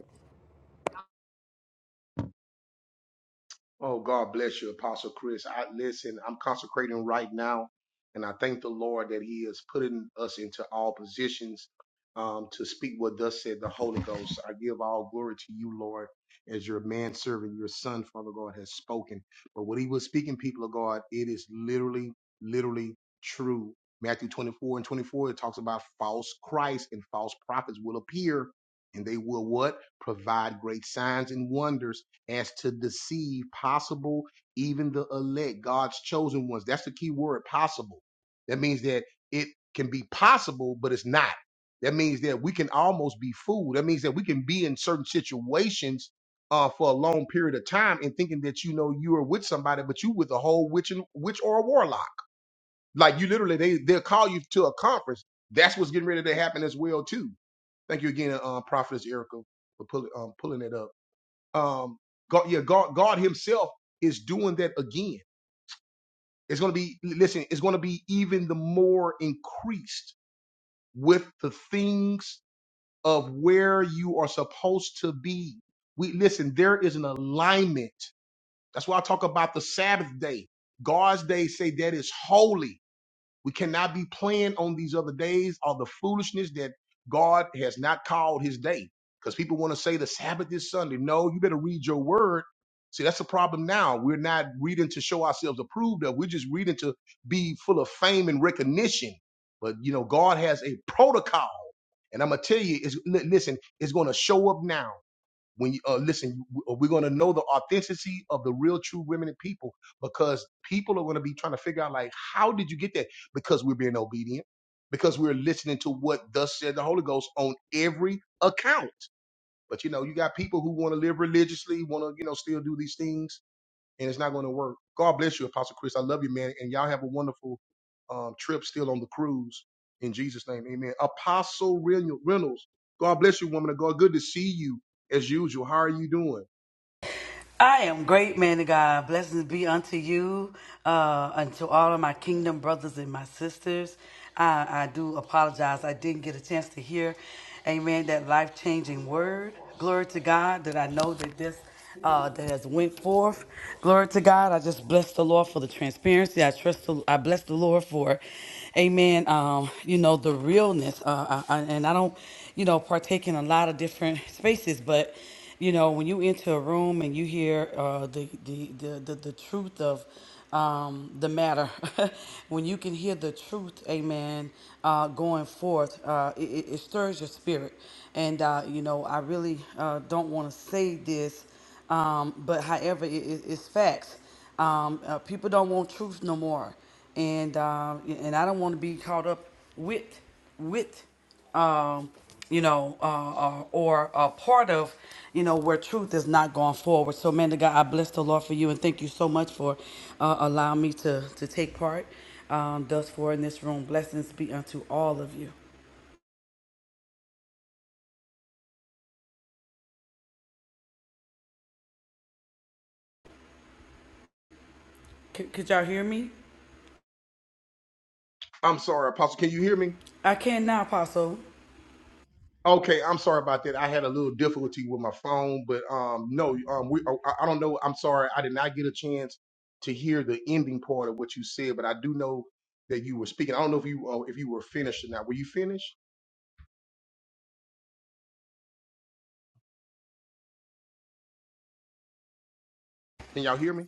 Speaker 8: I am great, man of God. Blessings be unto you, uh, and to all of my kingdom brothers and my sisters. I, I do apologize. I didn't get a chance to hear, amen, that life changing word. Glory to God that I know that this uh, that has went forth. Glory to God. I just bless the Lord for the transparency. I trust. The, I bless the Lord for, Amen. Um, you know the realness. Uh, I, I- and I don't, you know, partake in a lot of different spaces, but. You know, when you enter a room and you hear uh, the, the, the, the, the truth of um, the matter, <laughs> when you can hear the truth, amen, uh, going forth, uh, it, it it stirs your spirit. And, uh, you know, I really uh, don't want to say this, um, but however, it, it, it's facts. Um, uh, people don't want truth no more. And, uh, and I don't want to be caught up with, with um, you know, uh, uh, or a part of, you know, where truth is not going forward. So, man, to God, I bless the Lord for you and thank you so much for uh, allowing me to to take part. Um, thus, for in this room, blessings be unto all of you. C- could y'all hear me? I can now, Apostle.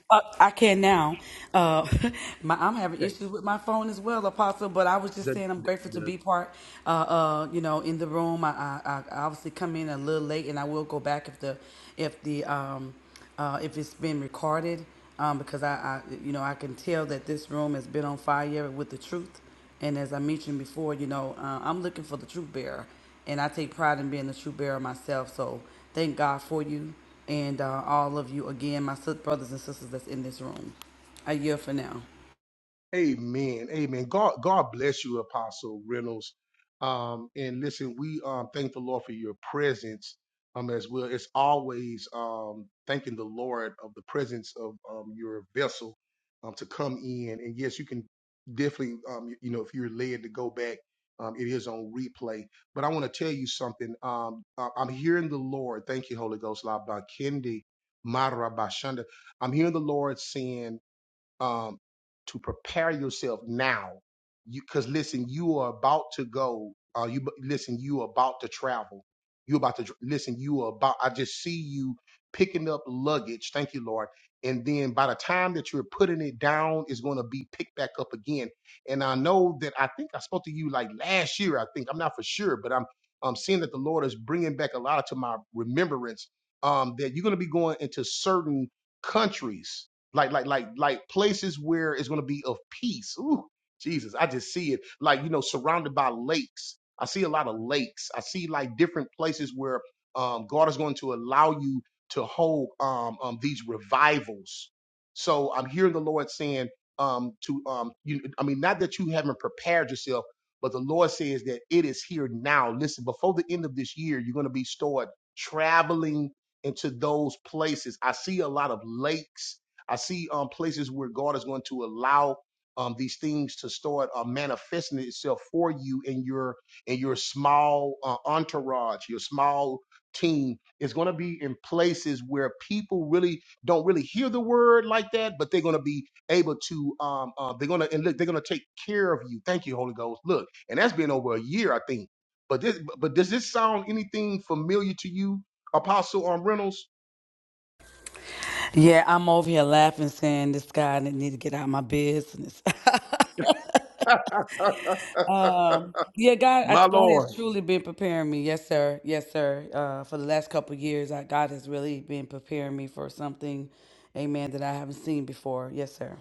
Speaker 8: Uh, I can now. Uh, <laughs> my, I'm having issues with my phone as well, Apostle. But I was just saying, I'm grateful to be part. Uh, uh, you know, in the room. I, I, I obviously come in a little late, and I will go back if the, if the, um, uh, if it's been recorded, um, because I, I, you know, I can tell that this room has been on fire with the truth. And as I mentioned before, you know, uh, I'm looking for the truth bearer, and I take pride in being the truth bearer myself. So thank God for you and uh, all of you again, my sis- brothers and sisters that's in this room. A year for now. Yeah, I'm over here laughing, saying this guy didn't need to get out of my business. <laughs> um, yeah, God, I, God has truly been preparing me. Yes, sir. Yes, sir. Uh, for the last couple of years, I, God has really been preparing me for something, Amen, that I haven't seen before. Yes, sir.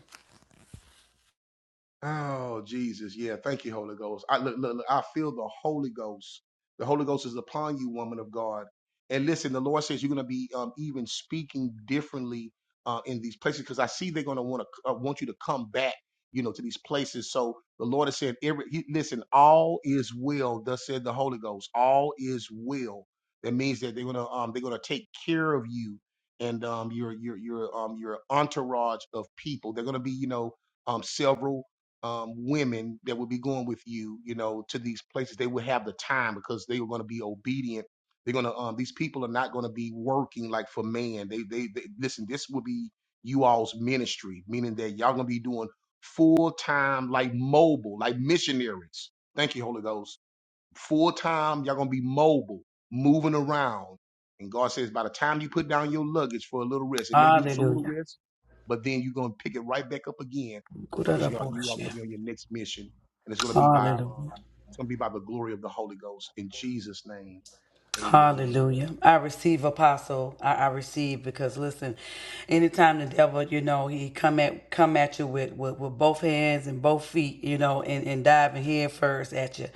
Speaker 8: Hallelujah. Kurarabushi. Hallelujah. Hallelujah. I receive apostle. I, I receive because listen, anytime the devil, you know, he come at come at you with with, with both hands and both feet, you know, and, and diving head first at you.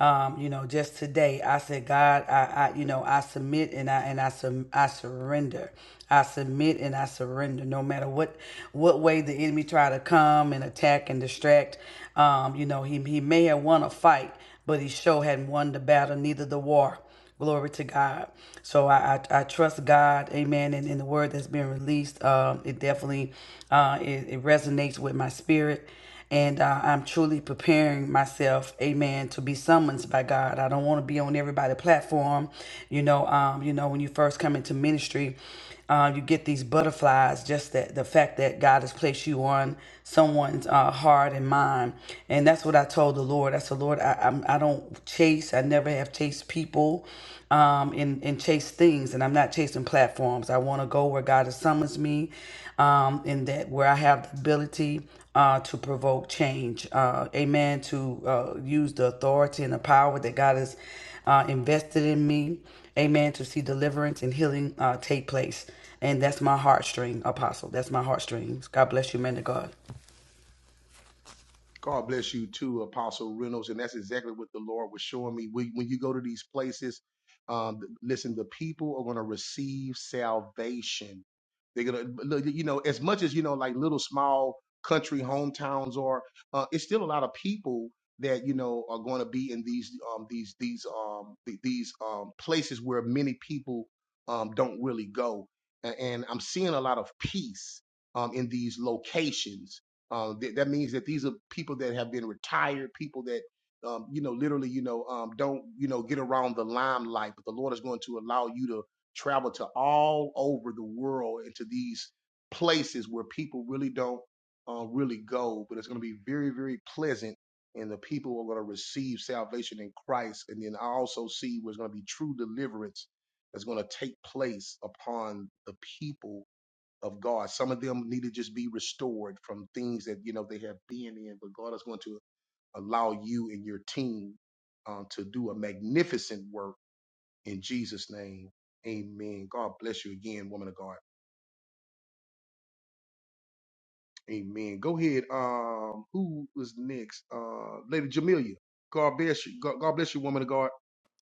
Speaker 8: Um, you know, just today I said, God, I, I you know, I submit and I and I sub, I surrender. I submit and I surrender no matter what what way the enemy try to come and attack and distract. Um, you know, he he may have won a fight, but he sure hadn't won the battle, neither the war. Glory to God. So I, I, I trust God, amen, and in the word that's been released, um, it definitely uh, it, it resonates with my spirit. And uh, I'm truly preparing myself, amen, to be summoned by God. I don't want to be on everybody's platform, you know. Um, you know, when you first come into ministry, uh, you get these butterflies, just that the fact that God has placed you on someone's uh, heart and mind. And that's what I told the Lord. I said, Lord, I, I'm, I don't chase. I never have chased people um, and, and chase things. And I'm not chasing platforms. I want to go where God has summons me um, and that where I have the ability uh, to provoke change. Uh, amen. To uh, use the authority and the power that God has uh, invested in me Amen. To see deliverance and healing uh, take place. And that's my heartstring, Apostle. That's my heartstrings. God bless you, man of God.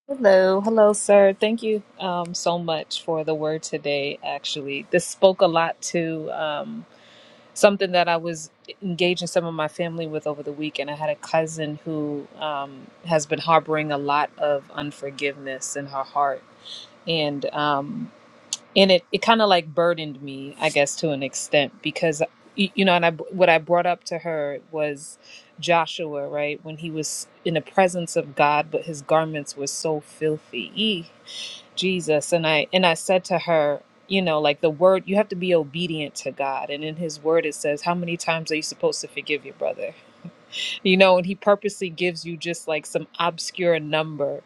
Speaker 9: Hello, hello, sir. Thank you um, so much for the word today. Actually, this spoke a lot to um, something that I was engaging some of my family with over the weekend. I had a cousin who um, has been harboring a lot of unforgiveness in her heart, and um, and it it kind of like burdened me, I guess, to an extent because y- you know, and I what I brought up to her was Joshua, right? When he was in the presence of God, but his garments were so filthy. Jesus and I and I said to her, you know, like the word you have to be obedient to God and in his word it says how many times are you supposed to forgive your brother? You know, and he purposely gives you just like some obscure number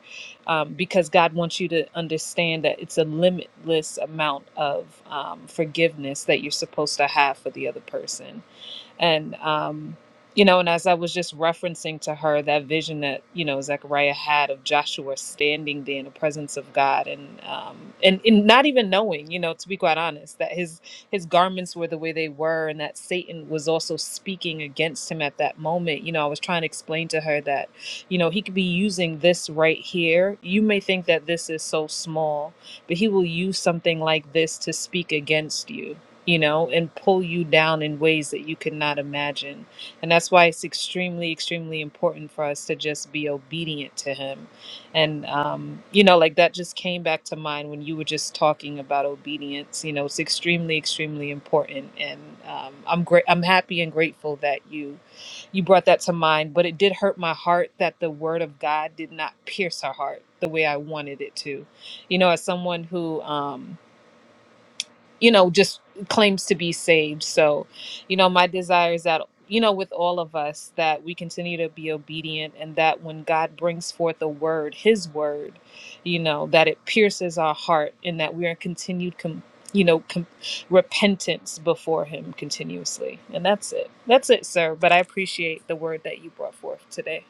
Speaker 9: um, because God wants you to understand that it's a limitless amount of um, forgiveness that you're supposed to have for the other person and um you know and as i was just referencing to her that vision that you know zechariah had of joshua standing there in the presence of god and um and, and not even knowing you know to be quite honest that his his garments were the way they were and that satan was also speaking against him at that moment you know i was trying to explain to her that you know he could be using this right here you may think that this is so small but he will use something like this to speak against you you know, and pull you down in ways that you could not imagine. And that's why it's extremely, extremely important for us to just be obedient to Him. And, um, you know, like that just came back to mind when you were just talking about obedience. You know, it's extremely, extremely important. And um, I'm great. I'm happy and grateful that you you brought that to mind. But it did hurt my heart that the Word of God did not pierce her heart the way I wanted it to. You know, as someone who. Um, you know, just claims to be saved. So, you know, my desire is that, you know, with all of us, that we continue to be obedient and that when God brings forth a word, his word, you know, that it pierces our heart and that we are continued, com- you know, com- repentance before him continuously. And that's it. That's it, sir. But I appreciate the word that you brought forth today.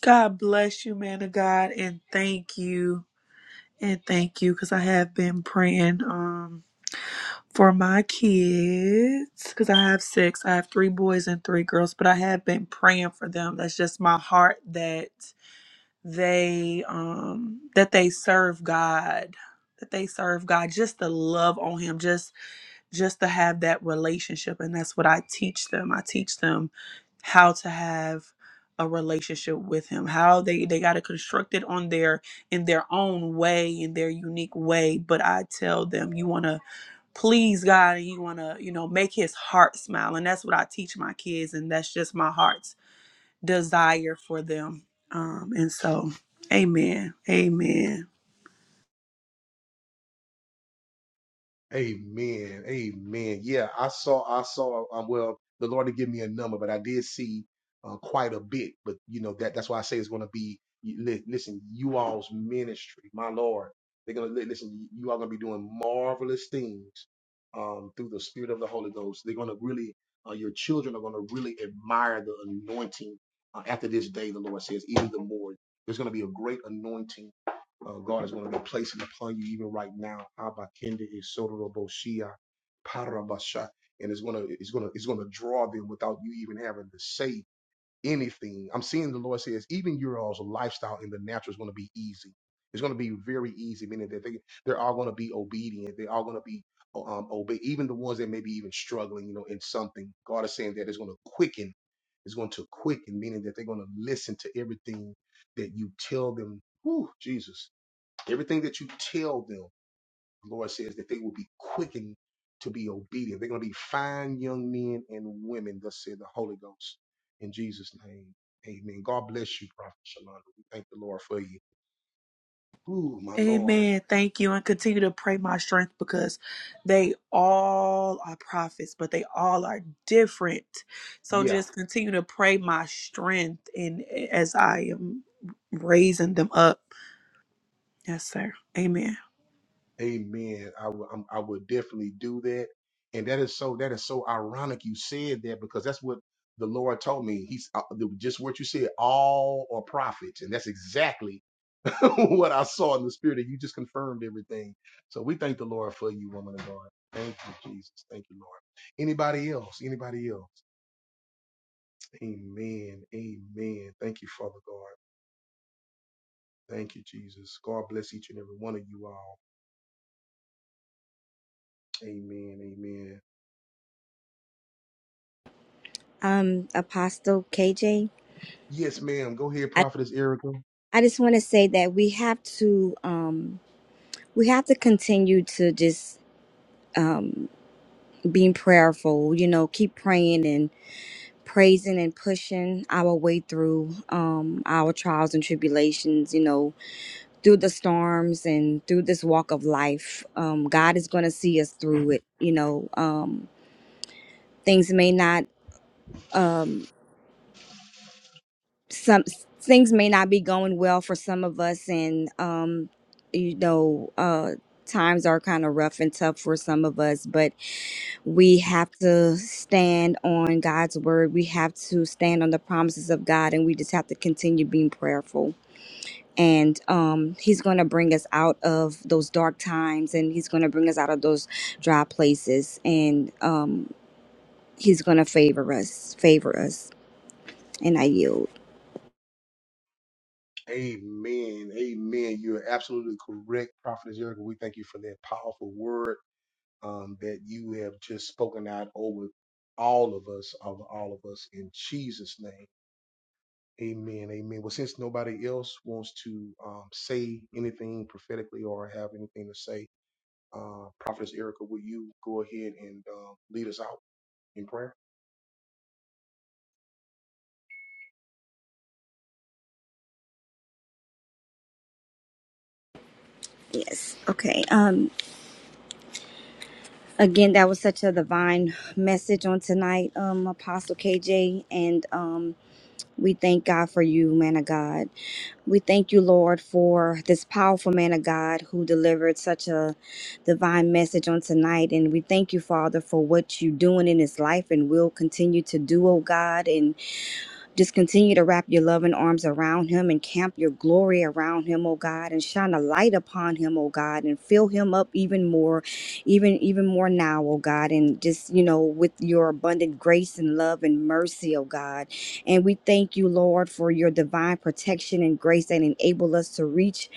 Speaker 10: God bless you, man of God, and thank you. And thank you because I have been praying um for my kids because I have six. I have three boys and three girls, but I have been praying for them. That's just my heart that they um that they serve God, that they serve God, just the love on him, just just to have that relationship and that's what I teach them. I teach them how to have a relationship with him. How they they got to construct it on their in their own way in their unique way, but I tell them you want to please God and you want to, you know, make his heart smile and that's what I teach my kids and that's just my heart's desire for them. Um and so amen. Amen. Amen. Thank you. And continue to pray my strength because they all are prophets, but they all are different. So just continue to pray my strength and as I am raising them up. Yes, sir. Amen.
Speaker 2: Um, Apostle KJ, I, I just want to say that we have to um we have to continue to just um being prayerful, you know, keep praying and praising and pushing our way through um, our trials and tribulations, you know, through the storms and through this walk of life. Um, God is going to see us through it, you know. Um, things may not, um, some things may not be going well for some of us, and, um, you know, uh, times are kind of rough and tough for some of us, but we have to stand on God's word. We have to stand on the promises of God, and we just have to continue being prayerful. And um, He's going to bring us out of those dark times, and He's going to bring us out of those dry places, and um, He's going to favor us, favor us. And I yield. Yes. Okay. Um. Again, that was such a divine message on tonight, um, Apostle KJ, and um, we thank God for you, man of God. We thank you, Lord, for this powerful man of God who delivered such a divine message on tonight. And we thank you, Father, for what you're doing in his life and will continue to do, oh God. And. Just continue to wrap your loving arms around him and camp your glory around him, oh God, and shine a light upon him, oh God, and fill him up even more, even even more now, oh God, and just, you know, with your abundant grace and love and mercy, oh God. And we thank you, Lord, for your divine protection and grace that enable us to reach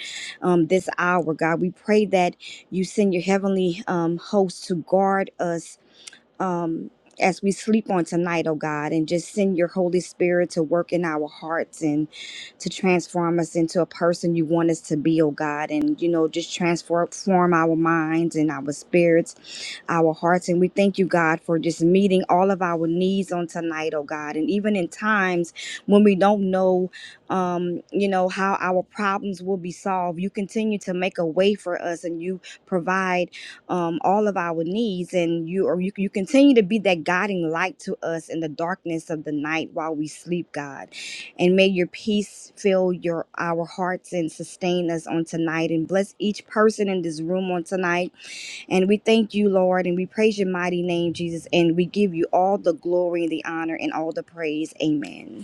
Speaker 2: um, this hour, God. We pray that you send your heavenly um, host to guard us um, as we sleep on tonight, oh God, and just send your Holy Spirit to work in our hearts and to transform us into a person you want us to be, oh God, and you know, just transform form our minds and our spirits our hearts. And we thank you, God, for just meeting all of our needs on tonight, oh God. And even in times when we don't know, um, you know, how our problems will be solved, you continue to make a way for us and you provide um, all of our needs. And you, or you, you continue to be that guiding light to us in the darkness of the night while we sleep, God. And may your peace fill your our hearts and sustain us on tonight. And bless each person in this room on tonight and we thank you, Lord, and we praise your mighty name, Jesus, and we give you all the glory and the honor and all the praise. Amen.